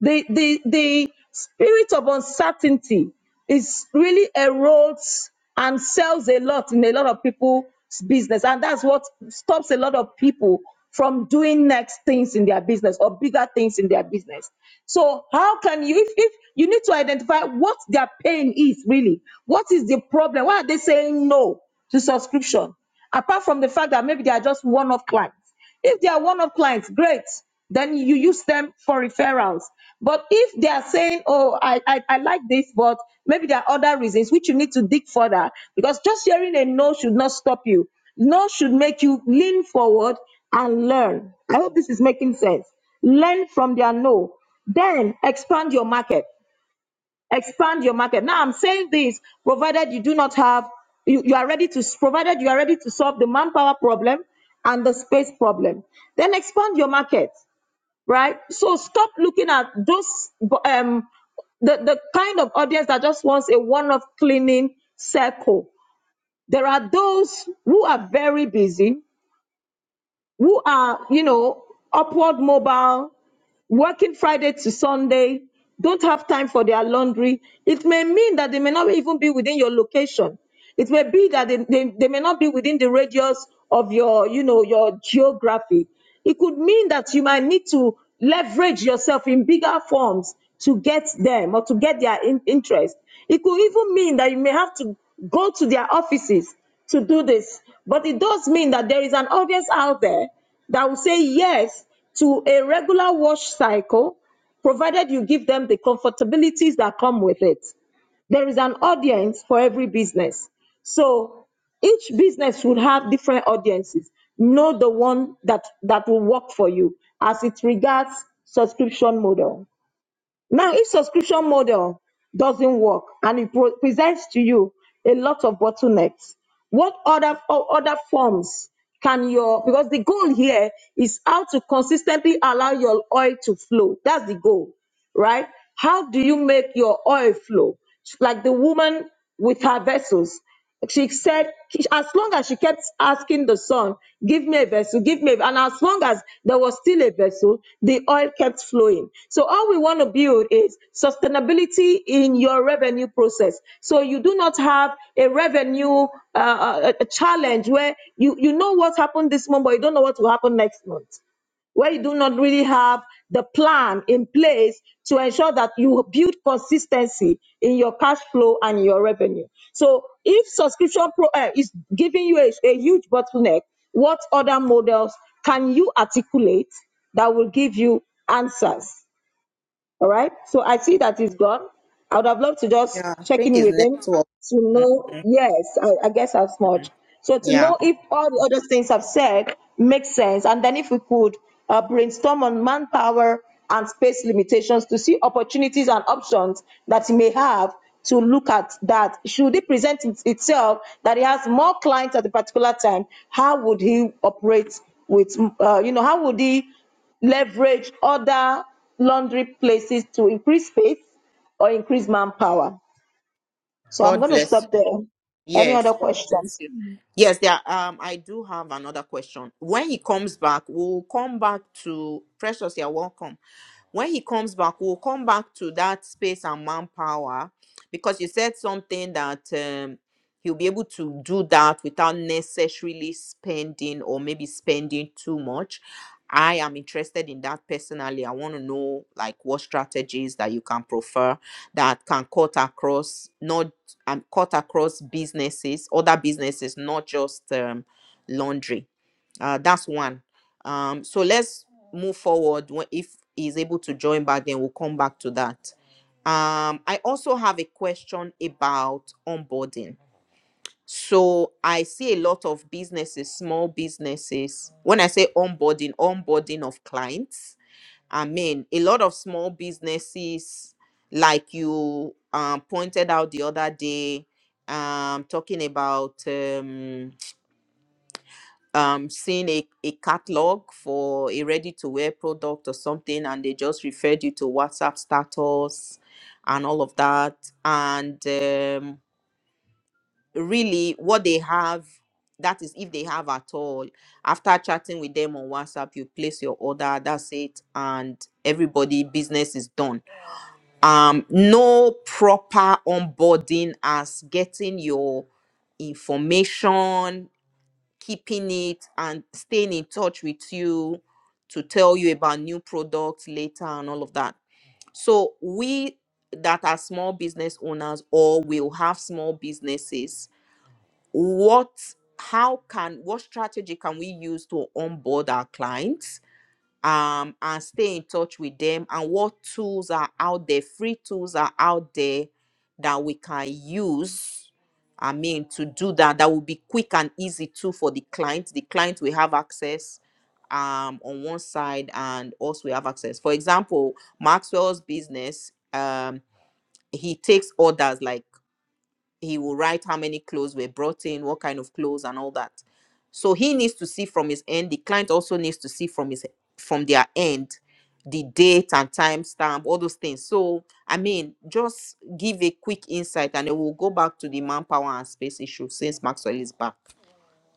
S2: the the the spirit of uncertainty is really erodes and sells a lot in a lot of people's business and that's what stops a lot of people from doing next things in their business or bigger things in their business so how can you if, if you need to identify what their pain is really what is the problem why are they saying no to subscription apart from the fact that maybe they are just one-off clients if they are one off clients, great. Then you use them for referrals. But if they are saying, oh, I, I, I like this, but maybe there are other reasons which you need to dig further because just hearing a no should not stop you. No should make you lean forward and learn. I hope this is making sense. Learn from their no. Then expand your market expand your market. Now I'm saying this, provided you do not have, you, you are ready to, provided you are ready to solve the manpower problem and the space problem, then expand your market, right? So stop looking at those, um, the, the kind of audience that just wants a one-off cleaning circle. There are those who are very busy, who are, you know, upward mobile, working Friday to Sunday, don't have time for their laundry. It may mean that they may not even be within your location. It may be that they, they, they may not be within the radius of your, you know, your geography. It could mean that you might need to leverage yourself in bigger forms to get them or to get their in- interest. It could even mean that you may have to go to their offices to do this. But it does mean that there is an audience out there that will say yes to a regular wash cycle, provided you give them the comfortabilities that come with it. There is an audience for every business. So each business would have different audiences. Know the one that, that will work for you as it regards subscription model. Now, if subscription model doesn't work and it pro- presents to you a lot of bottlenecks, what other o- other forms can your because the goal here is how to consistently allow your oil to flow. That's the goal right? How do you make your oil flow? Like the woman with her vessels. She said, as long as she kept asking the son, give me a vessel, give me, a-" and as long as there was still a vessel, the oil kept flowing. So, all we want to build is sustainability in your revenue process. So, you do not have a revenue uh, uh, a challenge where you, you know what happened this month, but you don't know what will happen next month where you do not really have the plan in place to ensure that you build consistency in your cash flow and your revenue. So, if subscription pro, uh, is giving you a, a huge bottleneck, what other models can you articulate that will give you answers? All right. So I see that he's gone. I would have loved to just
S1: Yeah, I
S2: check
S1: think
S2: in
S1: it's
S2: with him
S1: network.
S2: to know,
S1: Mhm.
S2: yes, I, I guess as much. So to
S1: Yeah.
S2: know if all the other things I've said make sense. And then if we could uh, brainstorm on manpower and space limitations to see opportunities and options that he may have to look at that. Should it present it- itself that he has more clients at a particular time, how would he operate with, uh, you know, how would he? leverage other laundry places to increase space or increase manpower. So I'm
S1: God
S2: going to
S1: bless you.
S2: stop there. Any
S1: Yes,
S2: other
S1: God bless
S2: questions?
S1: you. Yes, there. Um, I do have another question. When he comes back, we'll come back to Precious. You're welcome. When he comes back, we'll come back to that space and manpower, because you said something that. um, he'll be able to do that without necessarily spending or maybe spending too much i am interested in that personally i want to know like what strategies that you can prefer that can cut across not um, cut across businesses other businesses not just um, laundry uh, that's one um, so let's move forward Wh- if he's able to join back then we'll come back to that um, i also have a question about onboarding so I see a lot of businesses, small businesses. When I say onboarding, onboarding of clients, I mean a lot of small businesses, like you um, pointed out the other day, um, talking about um, um, seeing a, a catalog for a ready to wear product or something, and they just referred you to WhatsApp status and all of that. And um, really what they have that is if they have at all after chatting with them on whatsapp you place your order that's it and everybody business is done um no proper onboarding as getting your information keeping it and staying in touch with you to tell you about new products later and all of that so we that are small business owners or will have small businesses what how can what strategy can we use to onboard our clients um and stay in touch with them and what tools are out there free tools are out there that we can use i mean to do that that will be quick and easy too for the client the client will have access um on one side and also we have access for example maxwell's business um he takes orders like he will write how many clothes were brought in, what kind of clothes, and all that. So he needs to see from his end. The client also needs to see from his from their end the date and time stamp, all those things. So I mean, just give a quick insight, and then we'll go back to the manpower and space issue since Maxwell is back.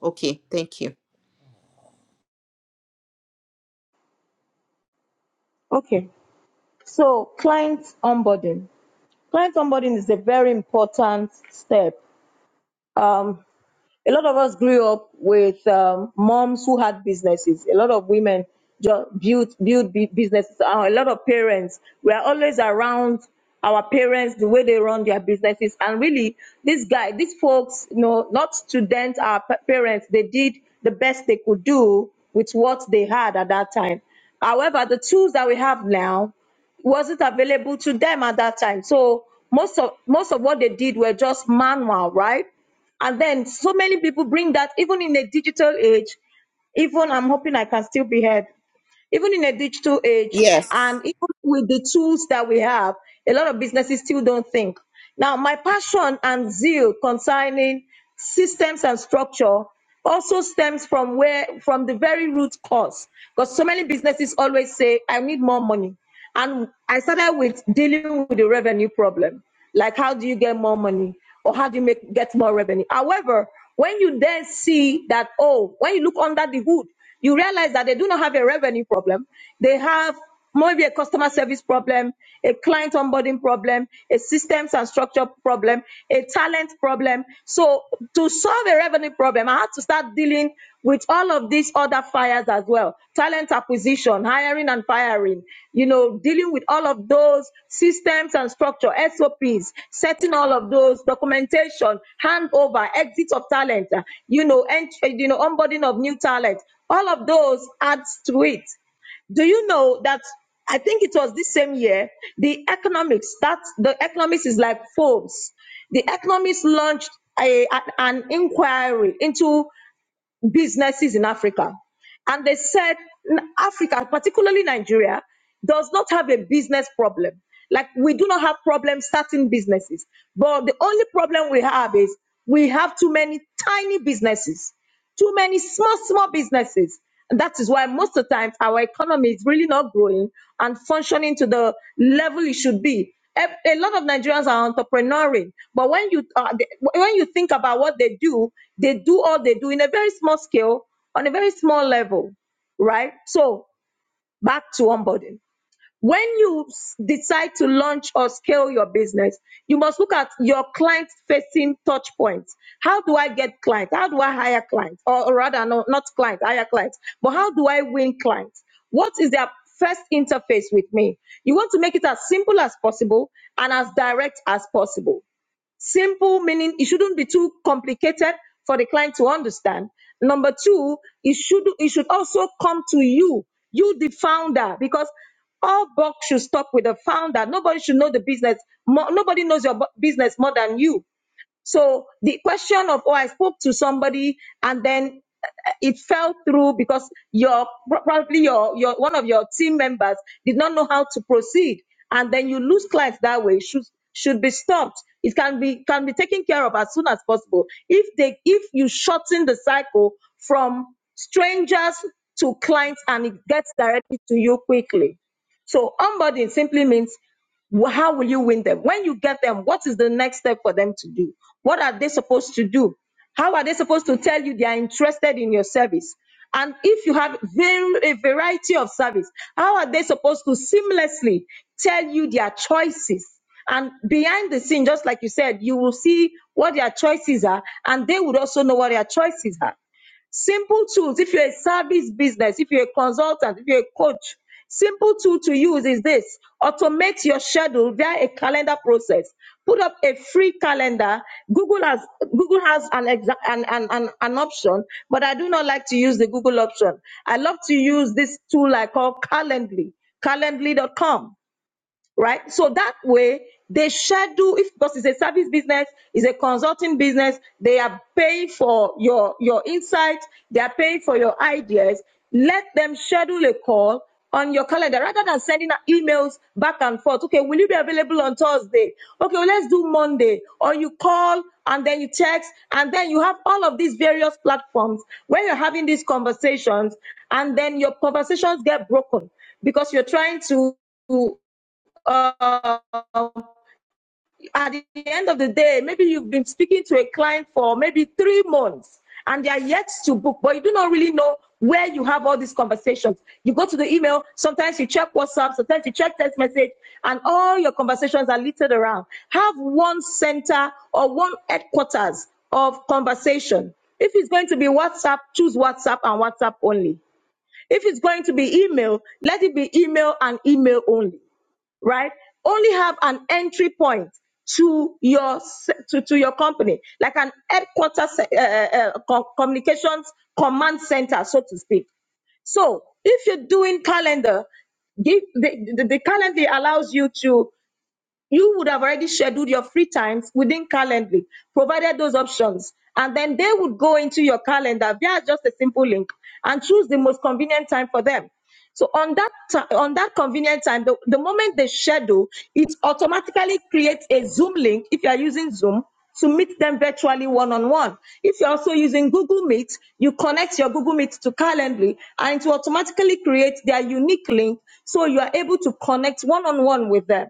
S1: Okay, thank you.
S2: Okay. So client onboarding. Client onboarding is a very important step. Um, a lot of us grew up with um, moms who had businesses. A lot of women ju- built built bu- businesses. Uh, a lot of parents we are always around our parents, the way they run their businesses, and really, this guy, these folks, you know, not students, our pa- parents, they did the best they could do with what they had at that time. However, the tools that we have now wasn't available to them at that time. So most of most of what they did were just manual, right? And then so many people bring that even in a digital age. Even I'm hoping I can still be heard even in a digital age
S1: Yes.
S2: and even with the tools that we have, a lot of businesses still don't think. Now, my passion and zeal concerning systems and structure also stems from where from the very root cause because so many businesses always say i need more money and i started with dealing with the revenue problem like how do you get more money or how do you make get more revenue however when you then see that oh when you look under the hood you realize that they do not have a revenue problem. They have maybe a customer service problem, a client onboarding problem, a systems and structure problem, a talent problem. So to solve a revenue problem, I had to start dealing with all of these other fires as well job, talent acquisition, hiring and firing, you know, dealing with all of those systems and structure, SOPs, setting all of those documentation, handover, exit of talent, uh, you know, and you know, onboarding of new talent. All of those adds to it. Do you know that I think it was this same year, the economics, that the economics is like Forbes. The economics launched a, an an inquiry into businesses in Africa. And they said "N- Africa, particularly Nigeria, does not have a business problem. Like we do not have problems starting businesses. But the only problem we have is we have too many tiny businesses, too many small, small businesses. And that is why most of the time our economy is really not growing and functioning to the level it should be. Ev- A lot of Nigerians are entrepreneuring, but when you uh, the- when you think about what they do, they do all they do in a very small scale, on a very small level, right? So back to onboarding. When you s- decide to launch or scale your business, you must look at your client facing touch points. How do I get clients? How do I hire clients? Or, or rather, no, not clients, hire clients, but how do I win clients? What is their first interface with me? You want to make it as simple as possible and as direct as possible. Simple meaning it shouldn't be too complicated for the client to understand. Number two, it should it should also come to you, you the founder, because all buck should stop with the founder. Nobody should know the business. More, nobody knows your bu- business more than you. So the question of, oh, I spoke to somebody and then uh, it fell through because your probably your your one of your team members did not know how to proceed, and then you lose clients that way. Should should be stopped. It can be can be taken care of as soon as possible. If they if you shorten the cycle from strangers to clients and it gets directly to you quickly. So onboarding simply means Wh- How will you win them? When you get them, what is the next step for them to do? What are they supposed to do? How are they supposed to tell you they are interested in your service? And if you have very, a variety of service, how are they supposed to seamlessly tell you their choices? And behind the scene, just like you said, you will see what their choices are, and they would also know what their choices are. Simple tools. If you're a service business, if you're a consultant, if you're a coach, simple tool to use is this automate your schedule via a calendar process. Put up a free calendar. Google has Google has an, exa- an, an, an, an option, but I do not like to use the Google option. I love to use this tool I call Calendly, calendly.com right? So that way they schedule if because it's a service business, it's a consulting business, they are paying for your your insights, they are paying for your ideas. Let them schedule a call on your calendar rather than sending out emails back and forth. Okay, will you be available on Thursday? Okay, well, let's do Monday. Or you call and then you text and then you have all of these various platforms where you're having these conversations and then your conversations get broken because you're trying to to uh, at the end of the day, maybe you've been speaking to a client for maybe three months and they are yet to book, but you do not really know where you have all these conversations. You go to the email, sometimes you check WhatsApp, sometimes you check text message, and all your conversations are littered around. Have one center or one headquarters of conversation. If it's going to be WhatsApp, choose WhatsApp and WhatsApp only. If it's going to be email, let it be email and email only right? Only have an entry point to your to, to your company, like an headquarters uh, uh, co- communications command center, so to speak. So if you're doing calendar, give the, the, the calendar allows you to you would have already scheduled your free times within Calendly, provided those options. And then they would go into your calendar via just a simple link and choose the most convenient time for them. So on that ti- on that convenient time, the, the moment they schedule, it automatically creates a Zoom link if you are using Zoom to meet them virtually one on one. If you're also using Google Meet, you connect your Google Meet to Calendly and it will automatically create their unique link so you are able to connect one on one with them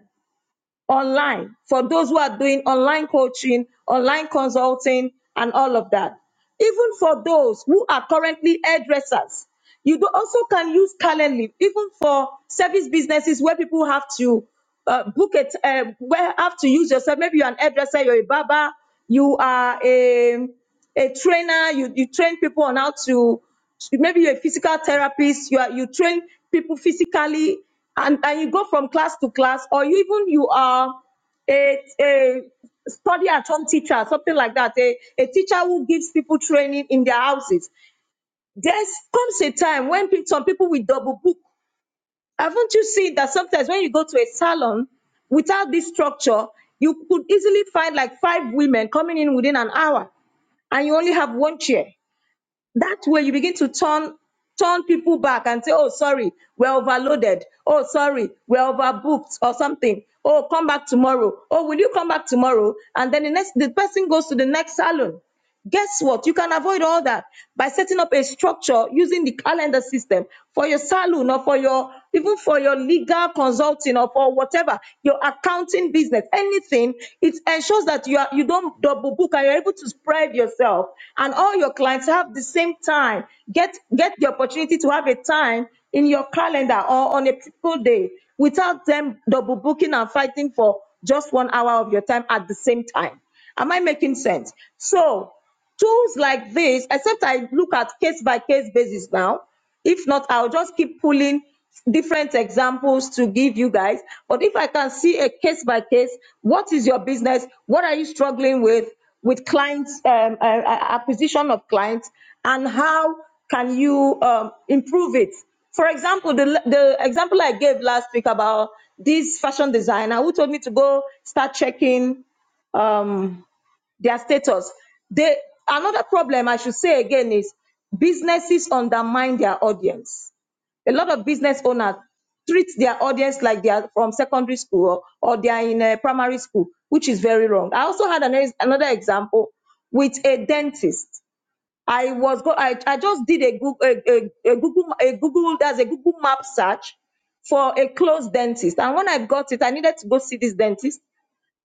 S2: online for those who are doing online coaching, online consulting, and all of that. Even for those who are currently hairdressers, you do also can use Calendly, even for service businesses where people have to uh, book it, uh, where have to use yourself. Maybe you're an hairdresser, you're a barber, you are a, a trainer, you, you train people on how to maybe you're a physical therapist you are you train people physically and, and you go from class to class or you even you are a, a study at home teacher something like that a, a teacher who gives people training in their houses there comes a time when pe- some people will double book haven't you seen that sometimes when you go to a salon without this structure you could easily find like five women coming in within an hour and you only have one chair that way you begin to turn turn people back and say oh sorry we're overloaded oh sorry we're overbooked or something oh come back tomorrow oh will you come back tomorrow and then the next the person goes to the next salon guess what you can avoid all that by setting up a structure using the calendar system for your salon or for your even for your legal consulting or for whatever your accounting marketing business, anything, it ensures that you are you don't double book and you're able to spread yourself and all your clients have the same time. Get get the opportunity to have a time in your calendar or on a typical day without them double booking and fighting for just one hour of your time at the same time. Am I making sense? So Tools like this, except I look at case by case basis now. If not, I'll just keep pulling different examples to give you guys. But if I can see a case by case, what is your business? What are you struggling with? With clients, um, uh, uh, acquisition of clients, and how can you um, improve it? For example, the, the example I gave last week about this fashion designer who told me to go start checking. Um, their status. They another problem I should say again is businesses undermine their audience. A lot of business owners treat their audience like they are from secondary school or, or they are in a primary school, which is very wrong. I also had an, another example with a dentist. I was go- I, I just did a Google a, a, a Google a Google there's a Google map search for a closed dentist. And when I got it, I needed to go see this dentist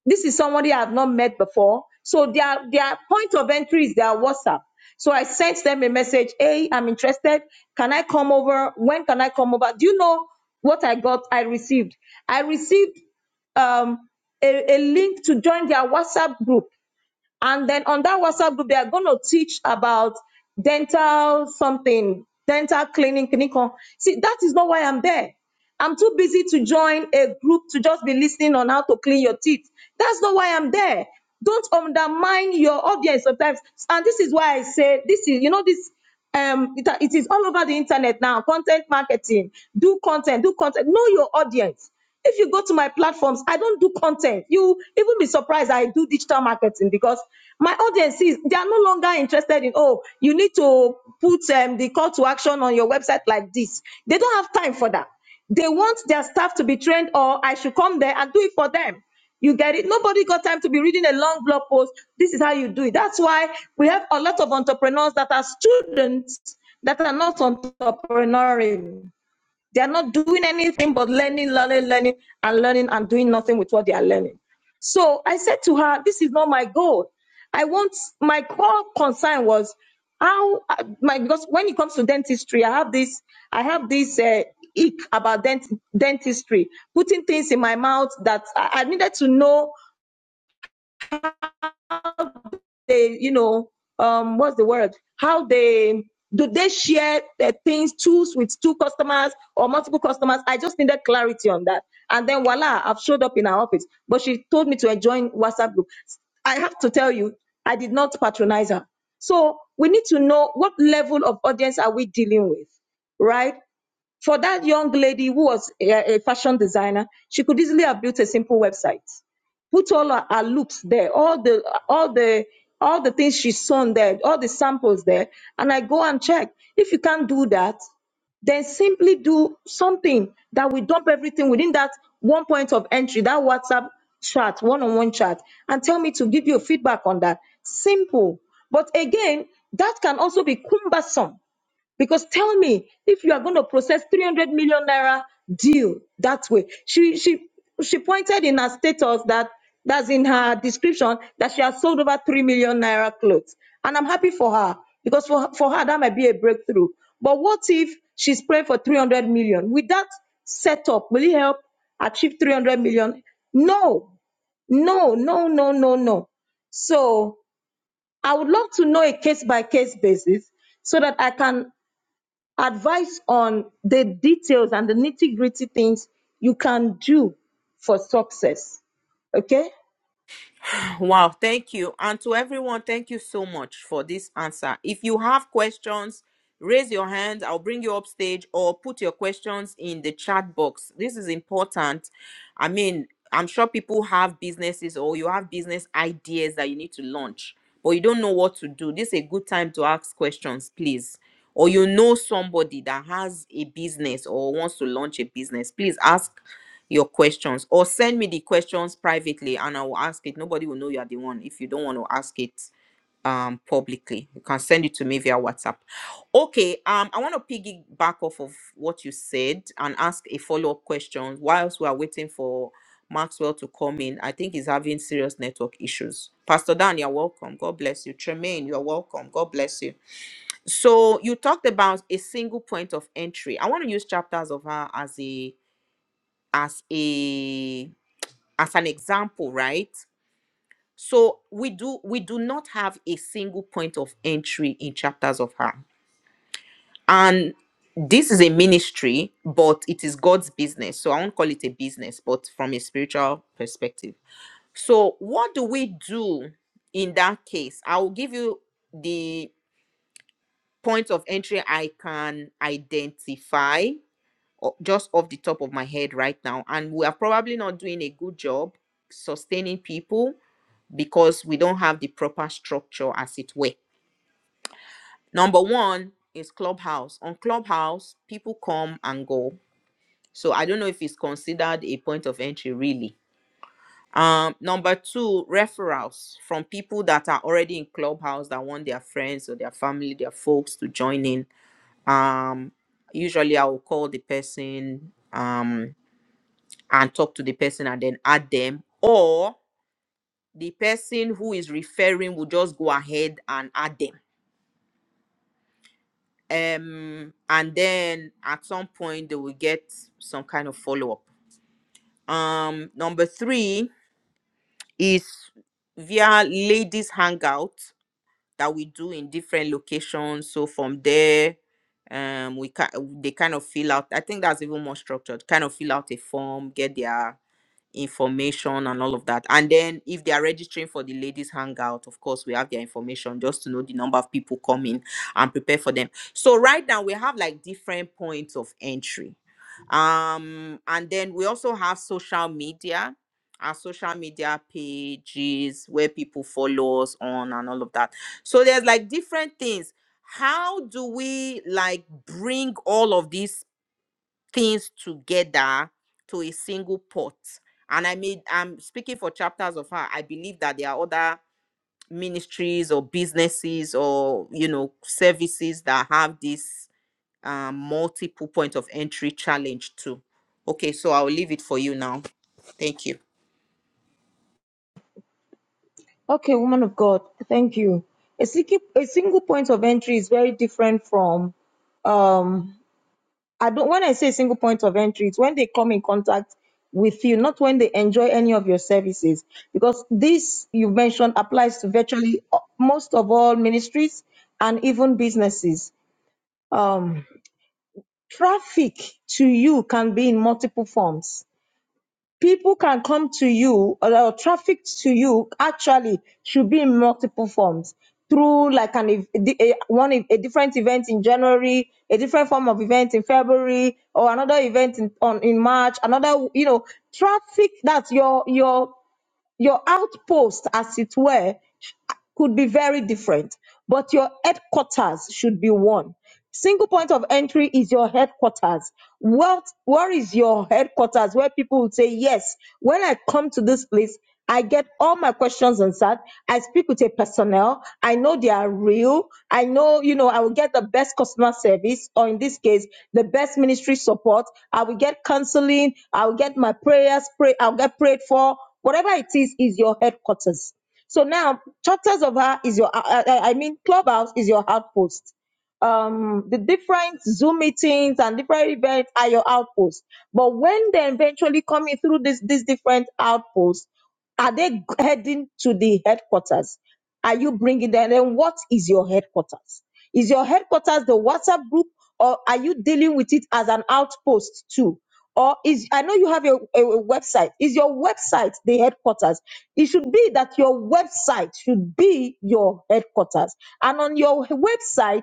S2: this is somebody I've not met before. So their their point of entry is their WhatsApp. So I sent them a message. Hey, I'm interested. Can I come over? When can I come over? Do you know what I got? I received. I received um, a, a link to join their WhatsApp group. And then on that WhatsApp group, they are going to teach about dental something, dental cleaning, clinical. See, that is not why I'm there. I'm too busy to join a group to just be listening on how to clean your teeth. That's not why I'm there. Don't undermine your audience sometimes. And this is why I say this is, you know, this um it it is all over the internet now content marketing do content do content know your audience if you go to my platforms i don't do content you even be surprised i do digital marketing because my audience is they are no longer interested in oh you need to put um, the call to action on your website like this they don't have time for that they want their staff to be trained or i should come there and do it for them you get it? Nobody got time to be reading a long blog post. This is how you do it. That's why we have a lot of entrepreneurs that are students that are not entrepreneurial they are not doing anything but learning, learning, learning, and learning and doing nothing with what they are learning. So I said to her, This is not my goal. I want my core concern was how uh, my because when it comes to dentistry, I have this, I have this uh, ick about dent, dentistry, putting things in my mouth that I, I needed to know they, you know, um, what's the word? How they do they share their things tools with two customers or multiple customers? I just needed clarity on that. And then voila, I've showed up in her office. But she told me to join WhatsApp group. I have to tell you, I did not patronize her. So we need to know what level of audience are we dealing with, right? For that young lady who was a, a fashion designer, she could easily have built a simple website, put all her, her looks there, all the all the all the things she's sewn there, all the samples there, and I go and check. If you can't do that, then simply do something that we dump everything within that one point of entry, that WhatsApp chat, one on one chat, and tell me to give you feedback on that. Simple. But again, that can also be cumbersome because tell me, if you are going to process 300 million naira deal that way, she she she pointed in her status that that's in her description that she has sold over 3 million naira clothes. And I'm happy for her because for, for her that might be a breakthrough. But what if she's praying for 300 million? With that setup, will it help achieve 300 million? No, no, no, no, no, no. So I would love to know a case by case basis so that I can advice on the details and the nitty gritty things you can do for success. Okay?
S1: Wow, thank you. And to everyone, thank you so much for this answer. If you have questions, raise your hand. I'll bring you up stage or put your questions in the chat box. This is important. I mean, I'm sure people have businesses or you have business ideas that you need to launch, but you don't know what to do. This is a good time to ask questions, please or you know somebody that has a business or wants to launch a business, please ask your questions or send me the questions privately and I will ask it. Nobody will know you are the one if you don't want to ask it um publicly you can send it to me via whatsapp okay um i want to piggyback off of what you said and ask a follow-up question whilst we are waiting for maxwell to come in i think he's having serious network issues pastor dan you're welcome god bless you tremaine you're welcome god bless you so you talked about a single point of entry i want to use chapters of her as a as a as an example right so we do we do not have a single point of entry in chapters of her and this is a ministry but it is god's business so i won't call it a business but from a spiritual perspective so what do we do in that case i will give you the points of entry i can identify o- just off the top of my head right now. And we are probably not doing a good job sustaining people because we don't have the proper structure, as it were. Number one is Clubhouse. On Clubhouse, people come and go. So I don't know if it's considered a point of entry, really. Um, number two, referrals from people that are already in Clubhouse that want their friends or their family, their folks to join in. Um, usually I will call the person. Um, and talk to the person and then add them or the person who is referring will just go ahead and add them um and then at some point they will get some kind of follow-up um number three is via ladies hangout that we do in different locations so from there um we can they kind of fill out i think that's even more structured kind of fill out a form get their information and all of that. And then if they are registering for the ladies hangout, of course, we have their information just to know the number of people coming and prepare for them. So right now we have like different points of entry. Um, and then we also have social media, our social media pages where people follow us on and all of that. So there's like different things. How do we like bring all of these things together to a single pot. And I made, I'm speaking for chapters of her. I believe that there are other ministries or businesses or, you know, services that have this um, multiple point of entry challenge too. Okay, so I'll leave it for you now. Thank you.
S2: Okay, woman of God, thank you. A, single- a single point of entry is very different from um I don't when I say single point of entry, it's when they come in contact with you, not when they enjoy any of your services. Because this you mentioned applies to virtually most of all ministries and even businesses. Um Traffic to you can be in multiple forms. People can come to you, or or traffic to you actually should be in multiple forms through like an ev- di- a, one ev- a different event in January, a different form of event in February, or another event in on in March. Another you know traffic that's your your your outpost as it were could be very different, but your headquarters should be one. Single point of entry is your headquarters. What where is your headquarters where people will say, Yes, when I come to this place, I get all my questions answered. I speak with a personnel. I know they are real. I know, you know, I will get the best customer service, or in this case, the best ministry support. I will get counseling. I will get my prayers, pray, I'll get prayed for. Whatever it is, is your headquarters. So now, Chapters of Her is your, I, I I mean, Clubhouse is your outpost um the different zoom meetings and different events are your outposts but when they eventually coming through this these different outposts are they heading to the headquarters are you bringing them then what is your headquarters is your headquarters the whatsapp group or are you dealing with it as an outpost too or is i know you have a, a a website is your website the headquarters it should be that your website should be your headquarters and on your website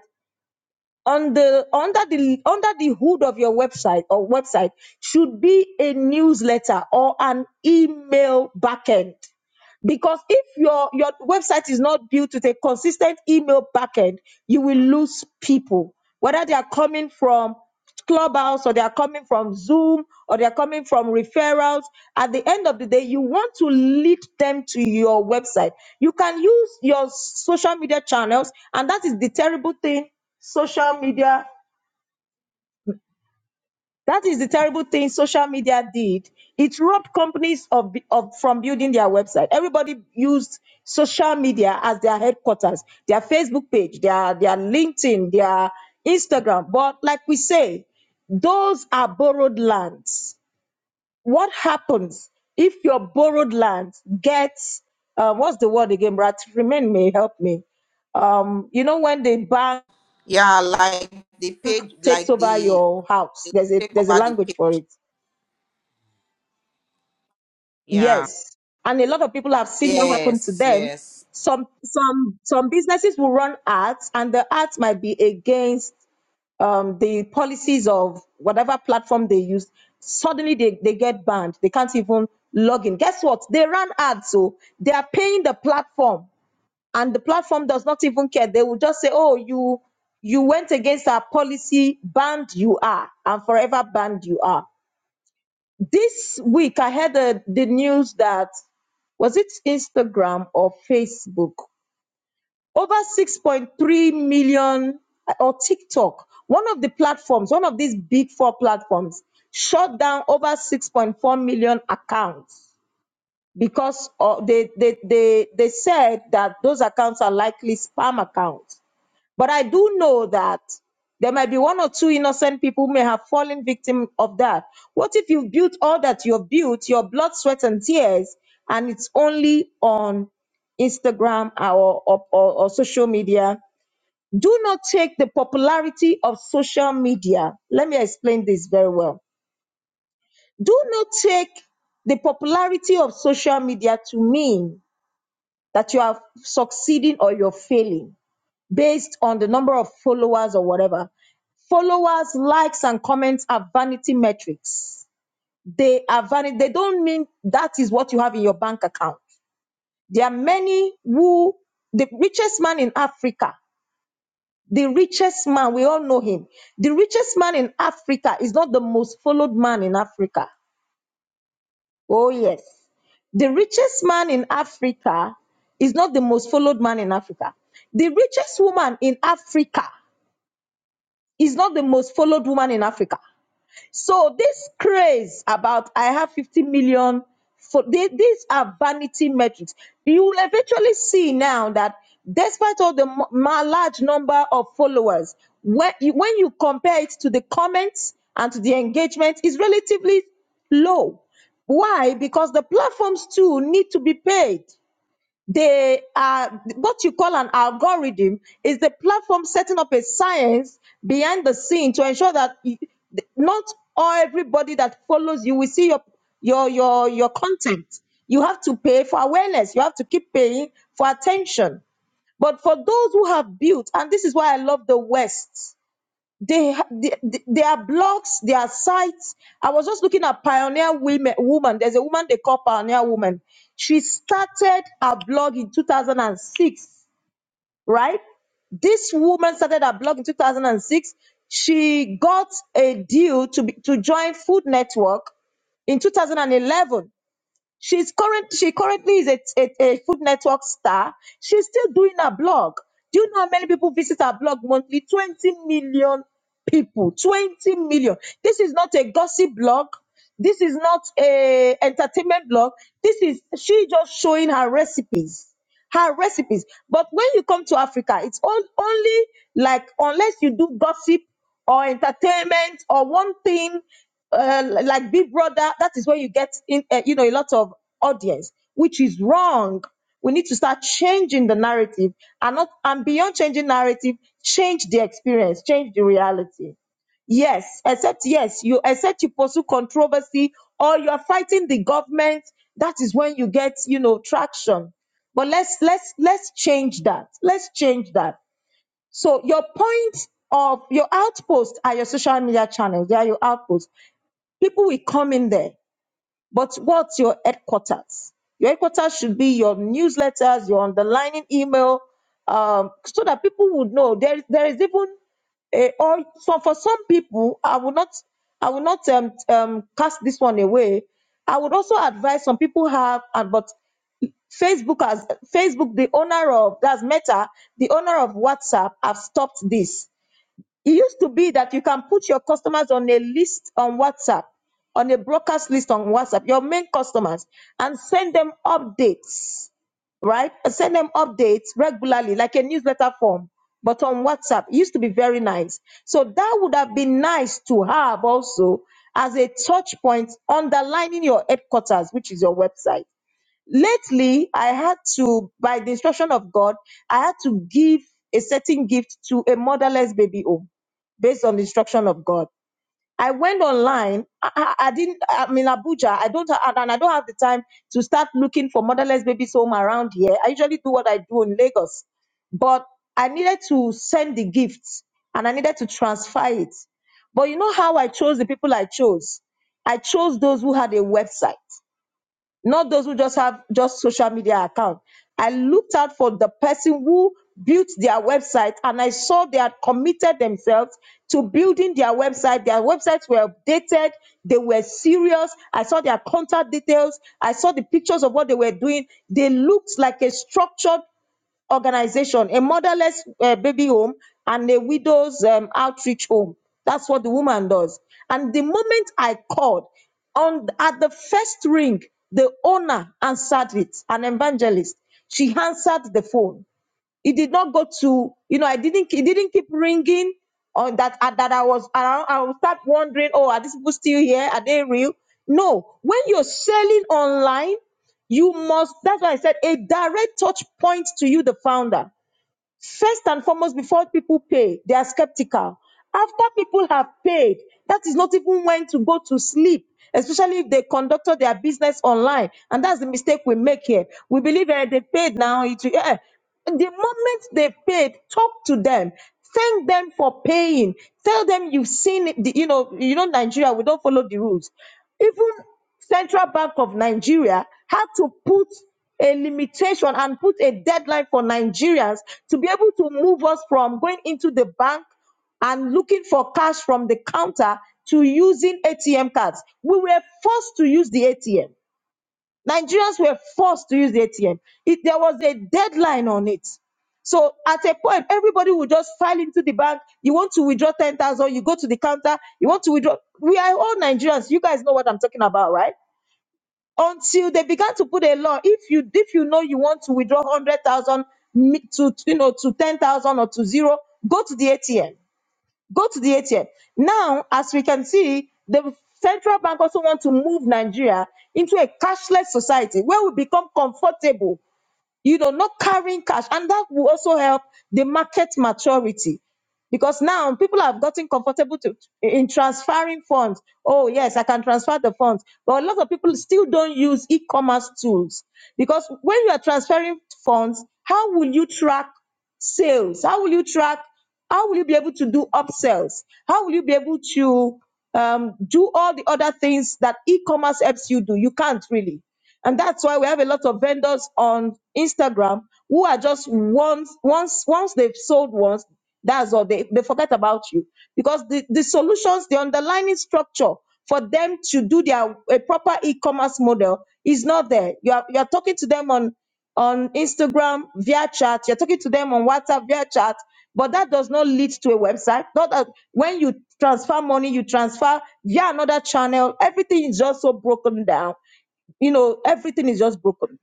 S2: on the under the under the hood of your website or website should be a newsletter or an email backend because if your your website is not built with a consistent email backend you will lose people whether they are coming from clubhouse or they are coming from zoom or they are coming from referrals at the end of the day you want to lead them to your website you can use your social media channels and that is the terrible thing social media that is the terrible thing social media did. It robbed companies of, of from building their website. Everybody used social media as their headquarters, their Facebook page, their, their LinkedIn, their Instagram. But like we say, those are borrowed lands. What happens if your borrowed land gets uh, what's the word again, Brad? remind me, help me. Um, you know when the bank
S1: Yeah, like the page,
S2: takes
S1: like
S2: over
S1: the,
S2: your house,
S1: the
S2: there's a
S1: take
S2: there's a
S1: over the
S2: language for
S1: page.
S2: it
S1: Yeah.
S2: Yes. And a lot of people have seen that happen to
S1: Yes,
S2: them.
S1: yes.
S2: Some some some businesses will run ads and the ads might be against um, the policies of whatever platform they use. Suddenly they, they get banned. They can't even log in. Guess what? They ran ads, so they are paying the platform and the platform does not even care. They will just say, Oh, you you went against our policy, banned you are, and forever banned you are. This week, I heard the, the news that was it Instagram or Facebook? Over 6.3 million uh, or TikTok, one of the platforms, one of these big four platforms, shut down over 6.4 million accounts because uh, they, they, they, they said that those accounts are likely spam accounts. But I do know that there might be one or two innocent people who may have fallen victim of that. What if you've built all that you've built, your blood, sweat, and tears, and it's only on Instagram or, or, or, or social media? Do not take the popularity of social media. Let me explain this very well. Do not take the popularity of social media to mean that you are succeeding or you're failing based on the number of followers or whatever. Followers, likes, and comments are vanity metrics. They are vanity. They don't mean that is what you have in your bank account. There are many who, the richest man in Africa, the richest man, we all know him. The richest man in Africa is not the most followed man in Africa. Oh, yes. The richest man in Africa is not the most followed man in Africa. The richest woman in Africa is not the most followed woman in Africa. So this craze about I have 50 million for they, these are vanity metrics. You will eventually see now that despite all the mo- ma- large number of followers, when you, when you compare it to the comments and to the engagement, is relatively low. Why? Because the platforms too need to be paid they are what you call an algorithm is the platform setting up a science behind the scene to ensure that y- not all everybody that follows you will see your your your your content you have to pay for awareness you have to keep paying for attention but for those who have built and this is why i love the west they, ha- they they- there are blogs, there are sites. I was just looking at Pioneer Women. Woman, there's a woman they call Pioneer Woman. She started her blog in 2006, right? This woman started her blog in 2006. She got a deal to be, to join Food Network in 2011 She's current. She currently is a, a, a Food Network star. She's still doing her blog. Do you know how many people visit her blog monthly? Twenty million people. Twenty million. This is not a gossip blog. This is not a entertainment blog. This is she just showing her recipes her recipes. But when you come to Africa, it's all only like unless you do gossip or entertainment or one thing uh, like Big Brother, that is where you get in, uh, you know, a lot of audience, which is wrong. We need to start changing the narrative and not and beyond changing narrative, change the experience, change the reality. Yes, except yes, you except you pursue controversy or you are fighting the government. That is when you get you know traction. But let's let's let's change that. Let's change that. So your point of your outpost are your social media channels. They are your outposts. People will come in there. But what's your headquarters? Your headquarters should be your newsletters, your underlining email, um, so that people would know. There is there is even a, or so for some people, I will not I will not um, um cast this one away. I would also advise some people have and but Facebook has Facebook, the owner of that's Meta, the owner of WhatsApp, have stopped this it used to be that you can put your customers on a list on WhatsApp, on a broadcast list on WhatsApp, your main customers, and send them updates, right? Send them updates regularly, like a newsletter form, but on WhatsApp. It used to be very nice. So that would have been nice to have also as a touch point underlining your headquarters, which is your website lately i had to by the instruction of god i had to give a certain gift to a motherless baby home based on the instruction of god i went online i, I- I didn't i'm in abuja i don't ha- and i don't have the time to start looking for motherless babies home around here i usually do what i do in lagos but i needed to send the gifts and i needed to transfer it but you know how i chose the people i chose i chose those who had a website not those who just have just social media account. I looked out for the person who built their website and I saw they had committed themselves to building their website. Their websites were updated, they were serious. I saw their contact details, I saw the pictures of what they were doing. They looked like a structured organization, a motherless uh, baby home, and a widow's um, outreach home. That's what the woman does. And the moment I called, on at the first ring, the owner answered it, an evangelist. She answered the phone it did not go to you know i didn't it didn't keep ringing on that uh, that i was around i would start wondering oh are these people still here are they real no when you're selling online you must that's why i said a direct touch point to you the founder First and foremost, before people pay, they are skeptical. After people have paid, that is not even when to go to sleep, especially if they conducted their business online. And that's the mistake we make here. We believe eh, they paid now. It, will- eh. eh. The moment they paid, talk to them. Thank them for paying. Tell them you've seen, it, the- you know, you know, Nigeria, we don't follow the rules. Even Central Bank of Nigeria had to put a limitation and put a deadline for Nigerians to be able to move us from going into the bank and looking for cash from the counter to using ATM cards. We were forced to use the ATM. Nigerians were forced to use the ATM. It, there was a deadline on it. So at a point, everybody will just file into the bank. You want to withdraw 10,000, you go to the counter. You want to withdraw. We are all Nigerians. You guys know what I'm talking about, right? until they began to put a law if you if you know you want to withdraw 100,000 to you know to 10,000 or to zero go to the ATM go to the ATM now as we can see the central bank also want to move Nigeria into a cashless society where we become comfortable you know, not carrying cash. And that will also help the market maturity because now people have gotten comfortable to, in transferring funds. Oh, yes, I can transfer the funds. But a lot of people still don't use e commerce tools because when you are transferring funds, how will you track sales? How will you track? How will you be able to do upsells? How will you be able to um, do all the other things that e commerce helps you do? You can't really. And that's why we have a lot of vendors on Instagram who are just once once once they've sold once, that's all they, they forget about you. Because the, the solutions, the underlying structure for them to do their a proper e-commerce model is not there. You are you are talking to them on on Instagram via chat, you're talking to them on WhatsApp via chat, but that does not lead to a website. Not that when you transfer money, you transfer via another channel. Everything is just so broken down you know everything is just broken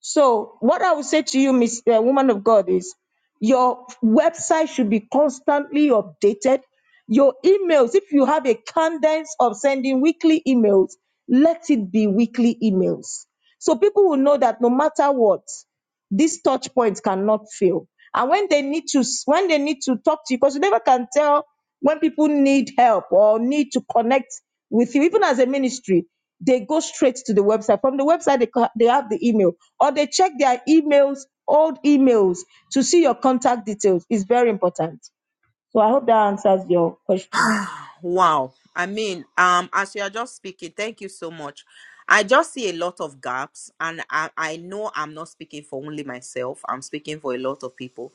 S2: so what i would say to you miss uh, woman of god is your website should be constantly updated your emails if you have a cadence of sending weekly emails let it be weekly emails so people will know that no matter what these touch points cannot fail. And when they need to, when they need to talk to you, because you never can tell when people need help or need to connect with you, even as a ministry, they go straight to the website. From the website, they, co- they have the email or they check their emails, old emails to see your contact details. It's very important. So I hope that answers your question.
S1: Wow. I mean, um, as you are just speaking, thank you so much. I just see a lot of gaps, and I, I know I'm not speaking for only myself, I'm speaking for a lot of people,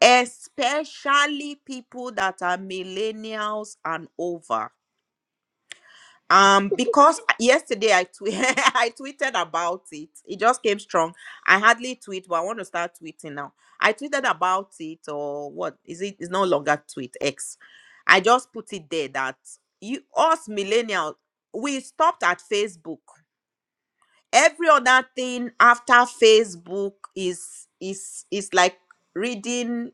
S1: especially people that are millennials and over um because yesterday i tw- [laughs] i tweeted about it it just came strong i hardly tweet but i want to start tweeting now i tweeted about it or what is it it's no longer tweet x i just put it there that you us millennials we stopped at facebook every other thing after facebook is is is like reading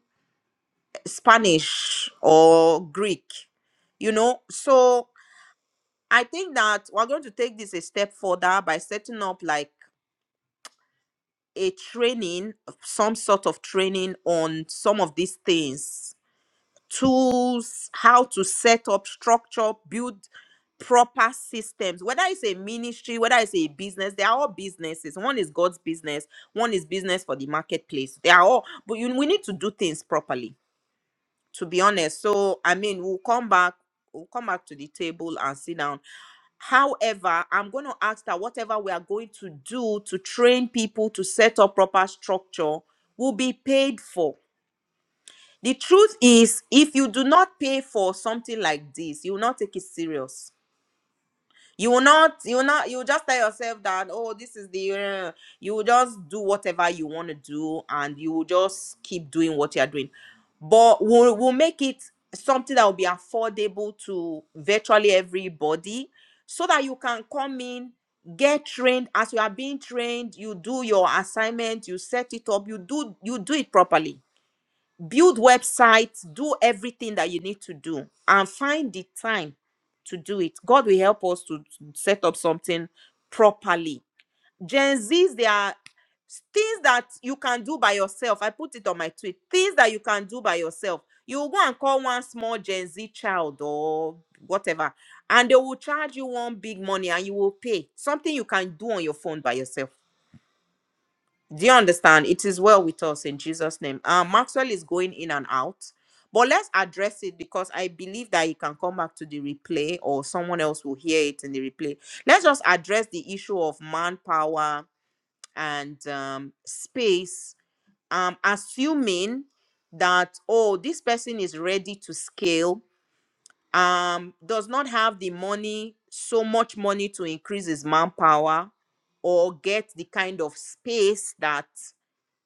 S1: spanish or greek you know so I think that we're going to take this a step further by setting up like a training, some sort of training on some of these things tools, how to set up structure, build proper systems, whether it's a ministry, whether it's a business, they are all businesses. One is God's business, one is business for the marketplace. They are all, but you, we need to do things properly to be honest. So I mean, we'll come back, we'll come back to the table and sit down. However, I'm going to ask that whatever we are going to do to train people to set up proper structure will be paid for. The truth is, if you do not pay for something like this, you will not take it serious you will not, you will not, you will just tell yourself that, oh, this is the, uh, you will just do whatever you want to do and you will just keep doing what you are doing. But we'll, we'll make it something that will be affordable to virtually everybody so that you can come in, get trained. As you are being trained, you do your assignment, you set it up, you do, you do it properly build websites, do everything that you need to do, and find the time to do it. God will help us to set up something properly. Gen Zs, there are things that you can do by yourself. I put it on my tweet. Things that you can do by yourself. You will go and call one small Gen Z child or whatever, and they will charge you one big money and you will pay something you can do on your phone by yourself do you understand? It is well with us in Jesus' name. Um, Maxwell is going in and out, but let's address it because I believe that you can come back to the replay or someone else will hear it in the replay. Let's just address the issue of manpower and um, space. Um, assuming that oh, this person is ready to scale, um, does not have the money, so much money to increase his manpower or get the kind of space that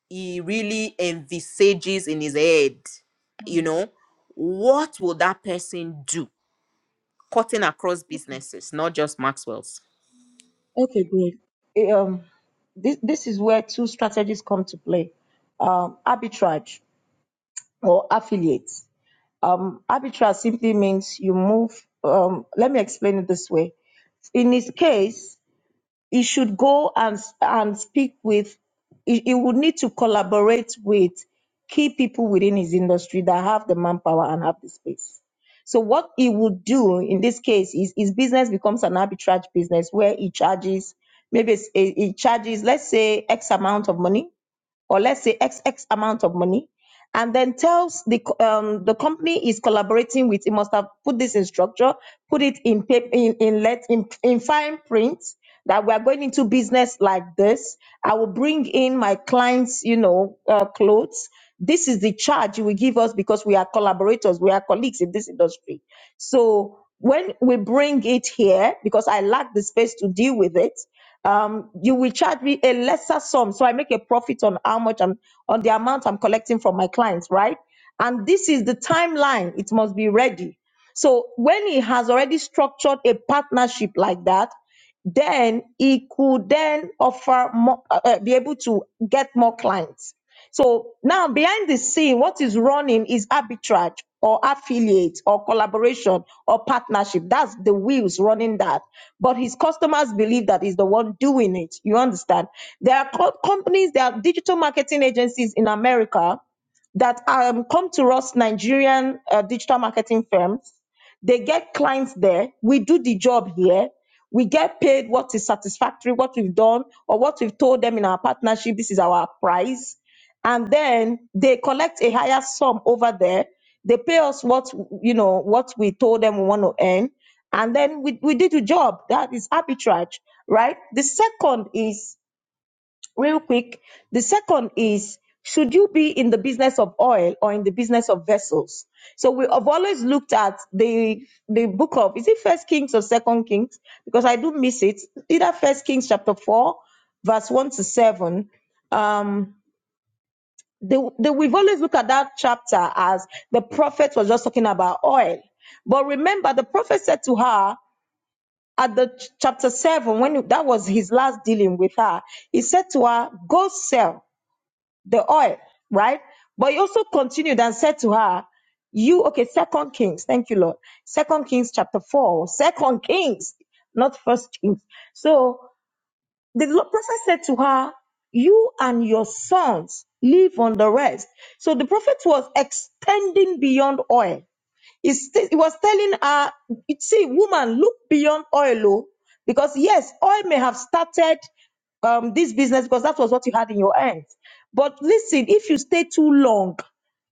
S1: he really envisages in his head, you
S2: Hmm.
S1: know, what will that person do? Cutting across businesses, not just Maxwell's.
S2: Okay, great. Eh, Um, this, this is where two strategies come to play um, arbitrage or affiliate. Um, arbitral simply means you move. Um, let me explain it this way. In his case, he should go and and speak with. He, he would need to collaborate with key people within his industry that have the manpower and have the space. So what he would do in this case is his business becomes an arbitrage business where he charges maybe it's- he he charges let's say X amount of money or let's say X X amount of money, and then tells the um, the company is collaborating with, it must have put this in structure, put it in paper, in in let in, in fine print that we are going into business like this. I will bring in my clients, you know, uh, clothes. This is the charge you will give us because we are collaborators, we are colleagues in this industry. So when we bring it here, because I lack the space to deal with it, um, you will charge me a lesser sum so I make a profit on how much I'm on the amount I'm collecting from my clients, right? And this is the timeline, it must be ready. So when he has already structured a partnership like that, then he could then offer more, uh, uh, be able to get more clients so now behind the scene, what is running is arbitrage or affiliate or collaboration or partnership. That's the wheels running that. But his customers believe that he's the one doing it. You understand? There are co- companies, there are digital marketing agencies in America that um, come to us, Nigerian uh, digital marketing firms they get clients there. We do the job here. We get paid what is satisfactory, what we've done, or what we've told them in our partnership. This is our price. And then they collect a higher sum over there. They pay us what you know what we told them we want to earn. And then we, we did the job. That is arbitrage, right? The second is real quick. The second is, should you be in the business of oil or in the business of vessels? So we have always looked at the the book of is it First Kings or Second Kings? Because I do miss it. Either First Kings chapter four, verse one to seven. Um, the, the, we've always looked at that chapter as the prophet was just talking about oil. But remember, the prophet said to her at the ch- chapter seven, when that was his last dealing with her, he said to her, "Go sell." the oil, right? But he also continued and said to her, You, okay, Second Kings, thank you, Lord. Second Kings chapter 4, Second Kings, not First Kings. So the Lord- prophet said to her, You and your sons live on the rest. So the prophet was extending beyond oil it's- He was telling her, see, woman, look beyond oil, oh, because yes, oil may have started um, this business because that was what you had in your hands. But listen, if you stay too long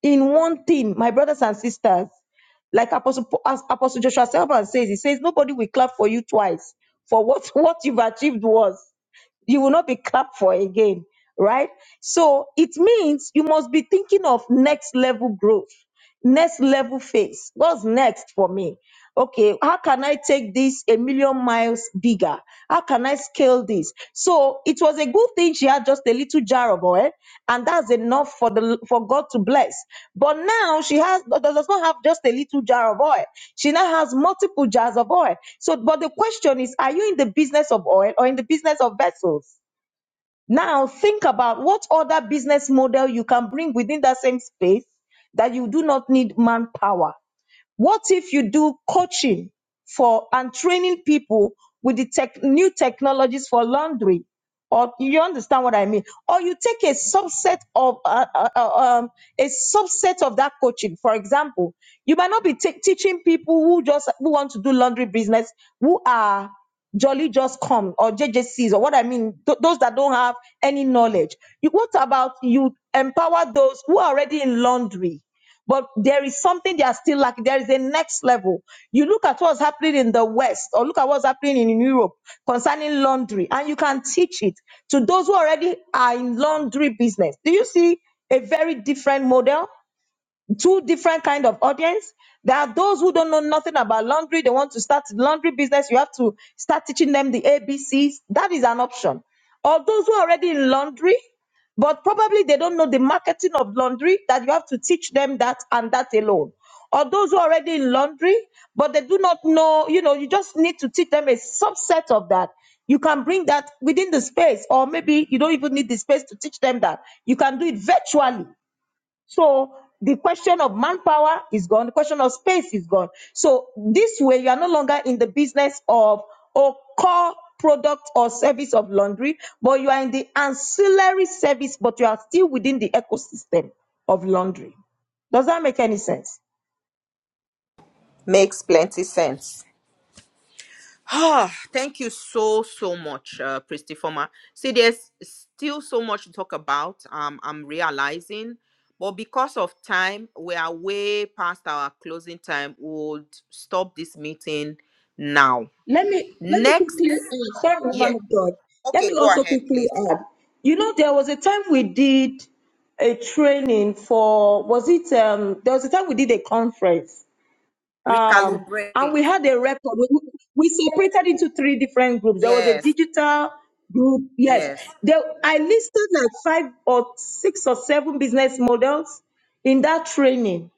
S2: in one thing, my brothers and sisters, like Apostle, as Apostle Joshua Selman says, he says, nobody will clap for you twice for what, [laughs] what you've achieved was. You will not be clapped for again, right? So it means you must be thinking of next level growth next level phase what's next for me okay how can i take this a million miles bigger how can i scale this so it was a good thing she had just a little jar of oil and that's enough for the for god to bless but now she has does not have just a little jar of oil she now has multiple jars of oil so but the question is are you in the business of oil or in the business of vessels now think about what other business model you can bring within that same space that you do not need manpower. What if you do coaching for and training people with the tech, new technologies for laundry? Or you understand what I mean? Or you take a subset of uh, uh, uh, um, a subset of that coaching. For example, you might not be ta- teaching people who just who want to do laundry business who are jolly just come or JJCs or what I mean th- those that don't have any knowledge. You, what about you empower those who are already in laundry? but there is something they are still lacking. There is a next level. You look at what's happening in the West or look at what's happening in Europe concerning laundry, and you can teach it to those who already are in laundry business. Do you see a very different model? two different kind of audience there are those who don't know nothing about laundry they want to start laundry business you have to start teaching them the A B C's. that is an option or those who are already in laundry but probably they don't know the marketing of laundry that you have to teach them that and that alone or those who are already in laundry but they do not know you know you just need to teach them a subset of that you can bring that within the space or maybe you don't even need the space to teach them that you can do it virtually so the question of manpower is gone, the question of space is gone. So this way, you are no longer in the business of or core product or service of laundry, but you are in the ancillary service, but you are still within the ecosystem of laundry. Does that make any sense?
S1: Makes plenty sense. Ah, thank you so so much, uh, Christy Former. See, there's still so much to talk about. Um, I'm realizing, but because of time, we are way past our closing time. We'll stop this meeting now.
S2: Let me let me
S1: Next,
S2: quickly add. Sorry,
S1: yeah.
S2: woman of God. Let
S1: Okay,
S2: me
S1: go
S2: also
S1: ahead,
S2: quickly
S1: please.
S2: add. You know, there was a time we did a training for was it um there was a time we did a conference um,
S1: recalibrate.
S2: and we had a record. We, we separated into three different groups. There was a
S1: Yes,
S2: digital group. Yes,
S1: yes,
S2: there, I listed like five or six or seven business models in that training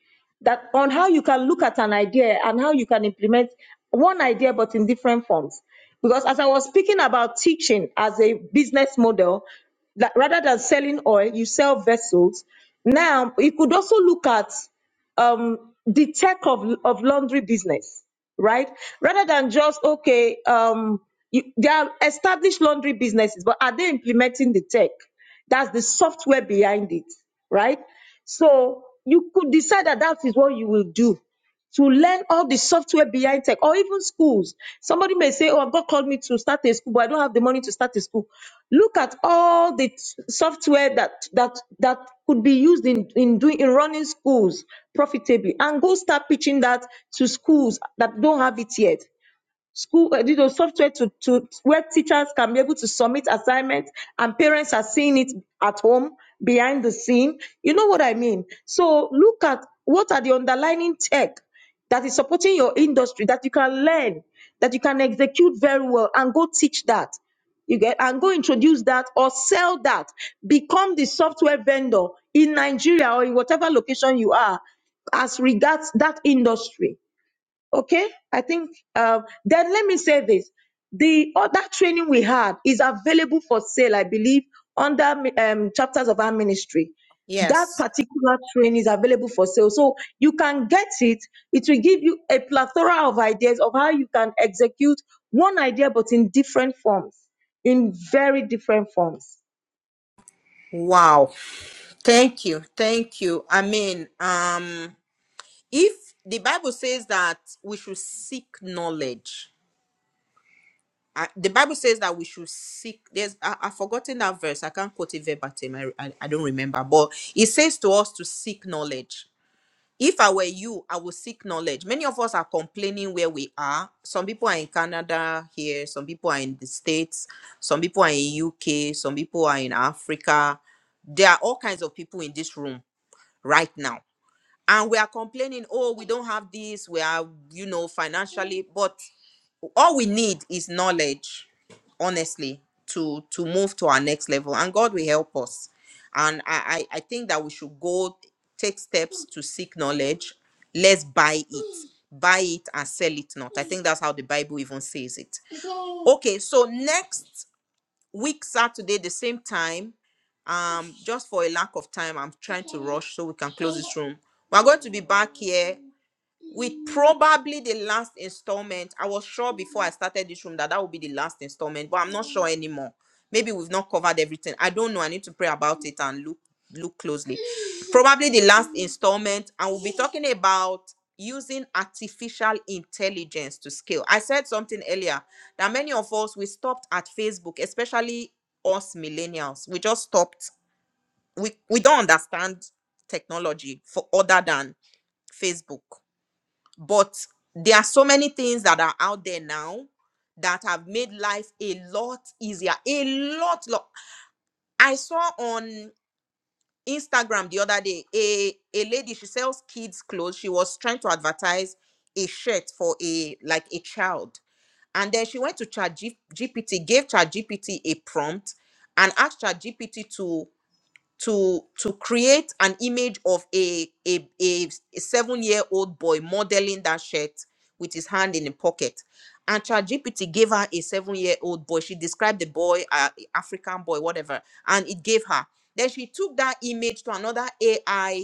S2: that on how you can look at an idea and how you can implement one idea but in different forms. Because as I was speaking about teaching as a business model, that rather than selling oil, you sell vessels. Now you could also look at um, the tech of, of laundry business, right? Rather than just, okay, um, you, there are established laundry businesses, but are they implementing the tech? That's the software behind it, right? So you could decide that that is what you will do to learn all the software behind tech or even schools. Somebody may say, Oh, God called me to start a school, but I don't have the money to start a school. Look at all the t- software that that that could be used in, in doing in running schools profitably and go start pitching that to schools that don't have it yet school uh, you know, software to, to where teachers can be able to submit assignments and parents are seeing it at home behind the scene you know what i mean so look at what are the underlying tech that is supporting your industry that you can learn that you can execute very well and go teach that you get and go introduce that or sell that become the software vendor in nigeria or in whatever location you are as regards that industry Okay, I think uh, then let me say this: the other training we had is available for sale, I believe, under um, chapters of our ministry. That
S1: yes.
S2: particular training is available for sale, so you can get it. It will give you a plethora of ideas of how you can execute one idea, but in different forms, in very different forms.
S1: Wow. Thank you. Thank you. I mean, um, if the Bible says that we should seek knowledge, I, the Bible says that we should seek. There's, I, I've forgotten that verse. I can't quote it verbatim. I, I, I don't remember. But it says to us to seek knowledge. if I were you, I would seek knowledge. Many of us are complaining where we are. Some people are in Canada here, some people are in the States, some people are in UK, some people are in Africa. There are all kinds of people in this room right now. And we are complaining, oh, we don't have this, we are, you know, financially. but all we need is knowledge honestly to to move to our next level and god will help us and i i, I think that we should go take steps to seek knowledge let's buy it buy it and sell it not i think that's how the bible even says it okay so next week saturday the same time um just for a lack of time i'm trying to rush so we can close this room we're going to be back here with probably the last installment. I was sure before I started this room that that would be the last installment, but I'm not sure anymore. Maybe we've not covered everything. I don't know. I need to pray about it and look look closely. Probably the last installment, and we'll be talking about using artificial intelligence to scale. I said something earlier that many of us we stopped at Facebook, especially us millennials. We just stopped. We we don't understand technology for other than Facebook but there are so many things that are out there now that have made life a lot easier a lot, lot. i saw on instagram the other day a a lady she sells kids clothes she was trying to advertise a shirt for a like a child and then she went to chat gpt gave chat gpt a prompt and asked chat gpt to to to create an image of a a, a a seven year old boy modeling that shirt with his hand in the pocket and ChatGPT gave her a seven year old boy she described the boy uh, african boy whatever and it gave her then she took that image to another ai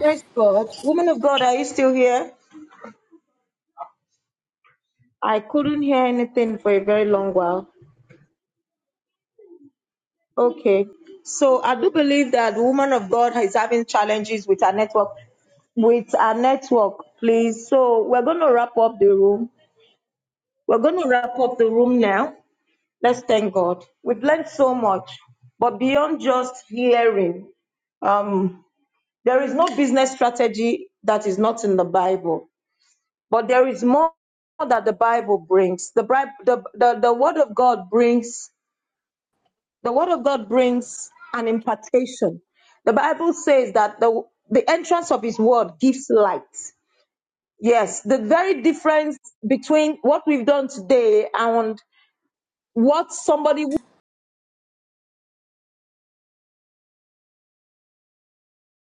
S2: Praise God, woman of God, are you still here? I couldn't hear anything for a very long while. Okay. So I do believe that the woman of God is having challenges with our network. With our network, please. So we're going to wrap up the room. We're going to wrap up the room now. Let's thank God. We've learned so much, but beyond just hearing, um, there is no business strategy that is not in the Bible, but there is more that the Bible brings. The, Bri- the, the, the Word of God brings The word of God brings an impartation. The Bible says that the, the entrance of his word gives light. Yes, the very difference between what we've done today and what somebody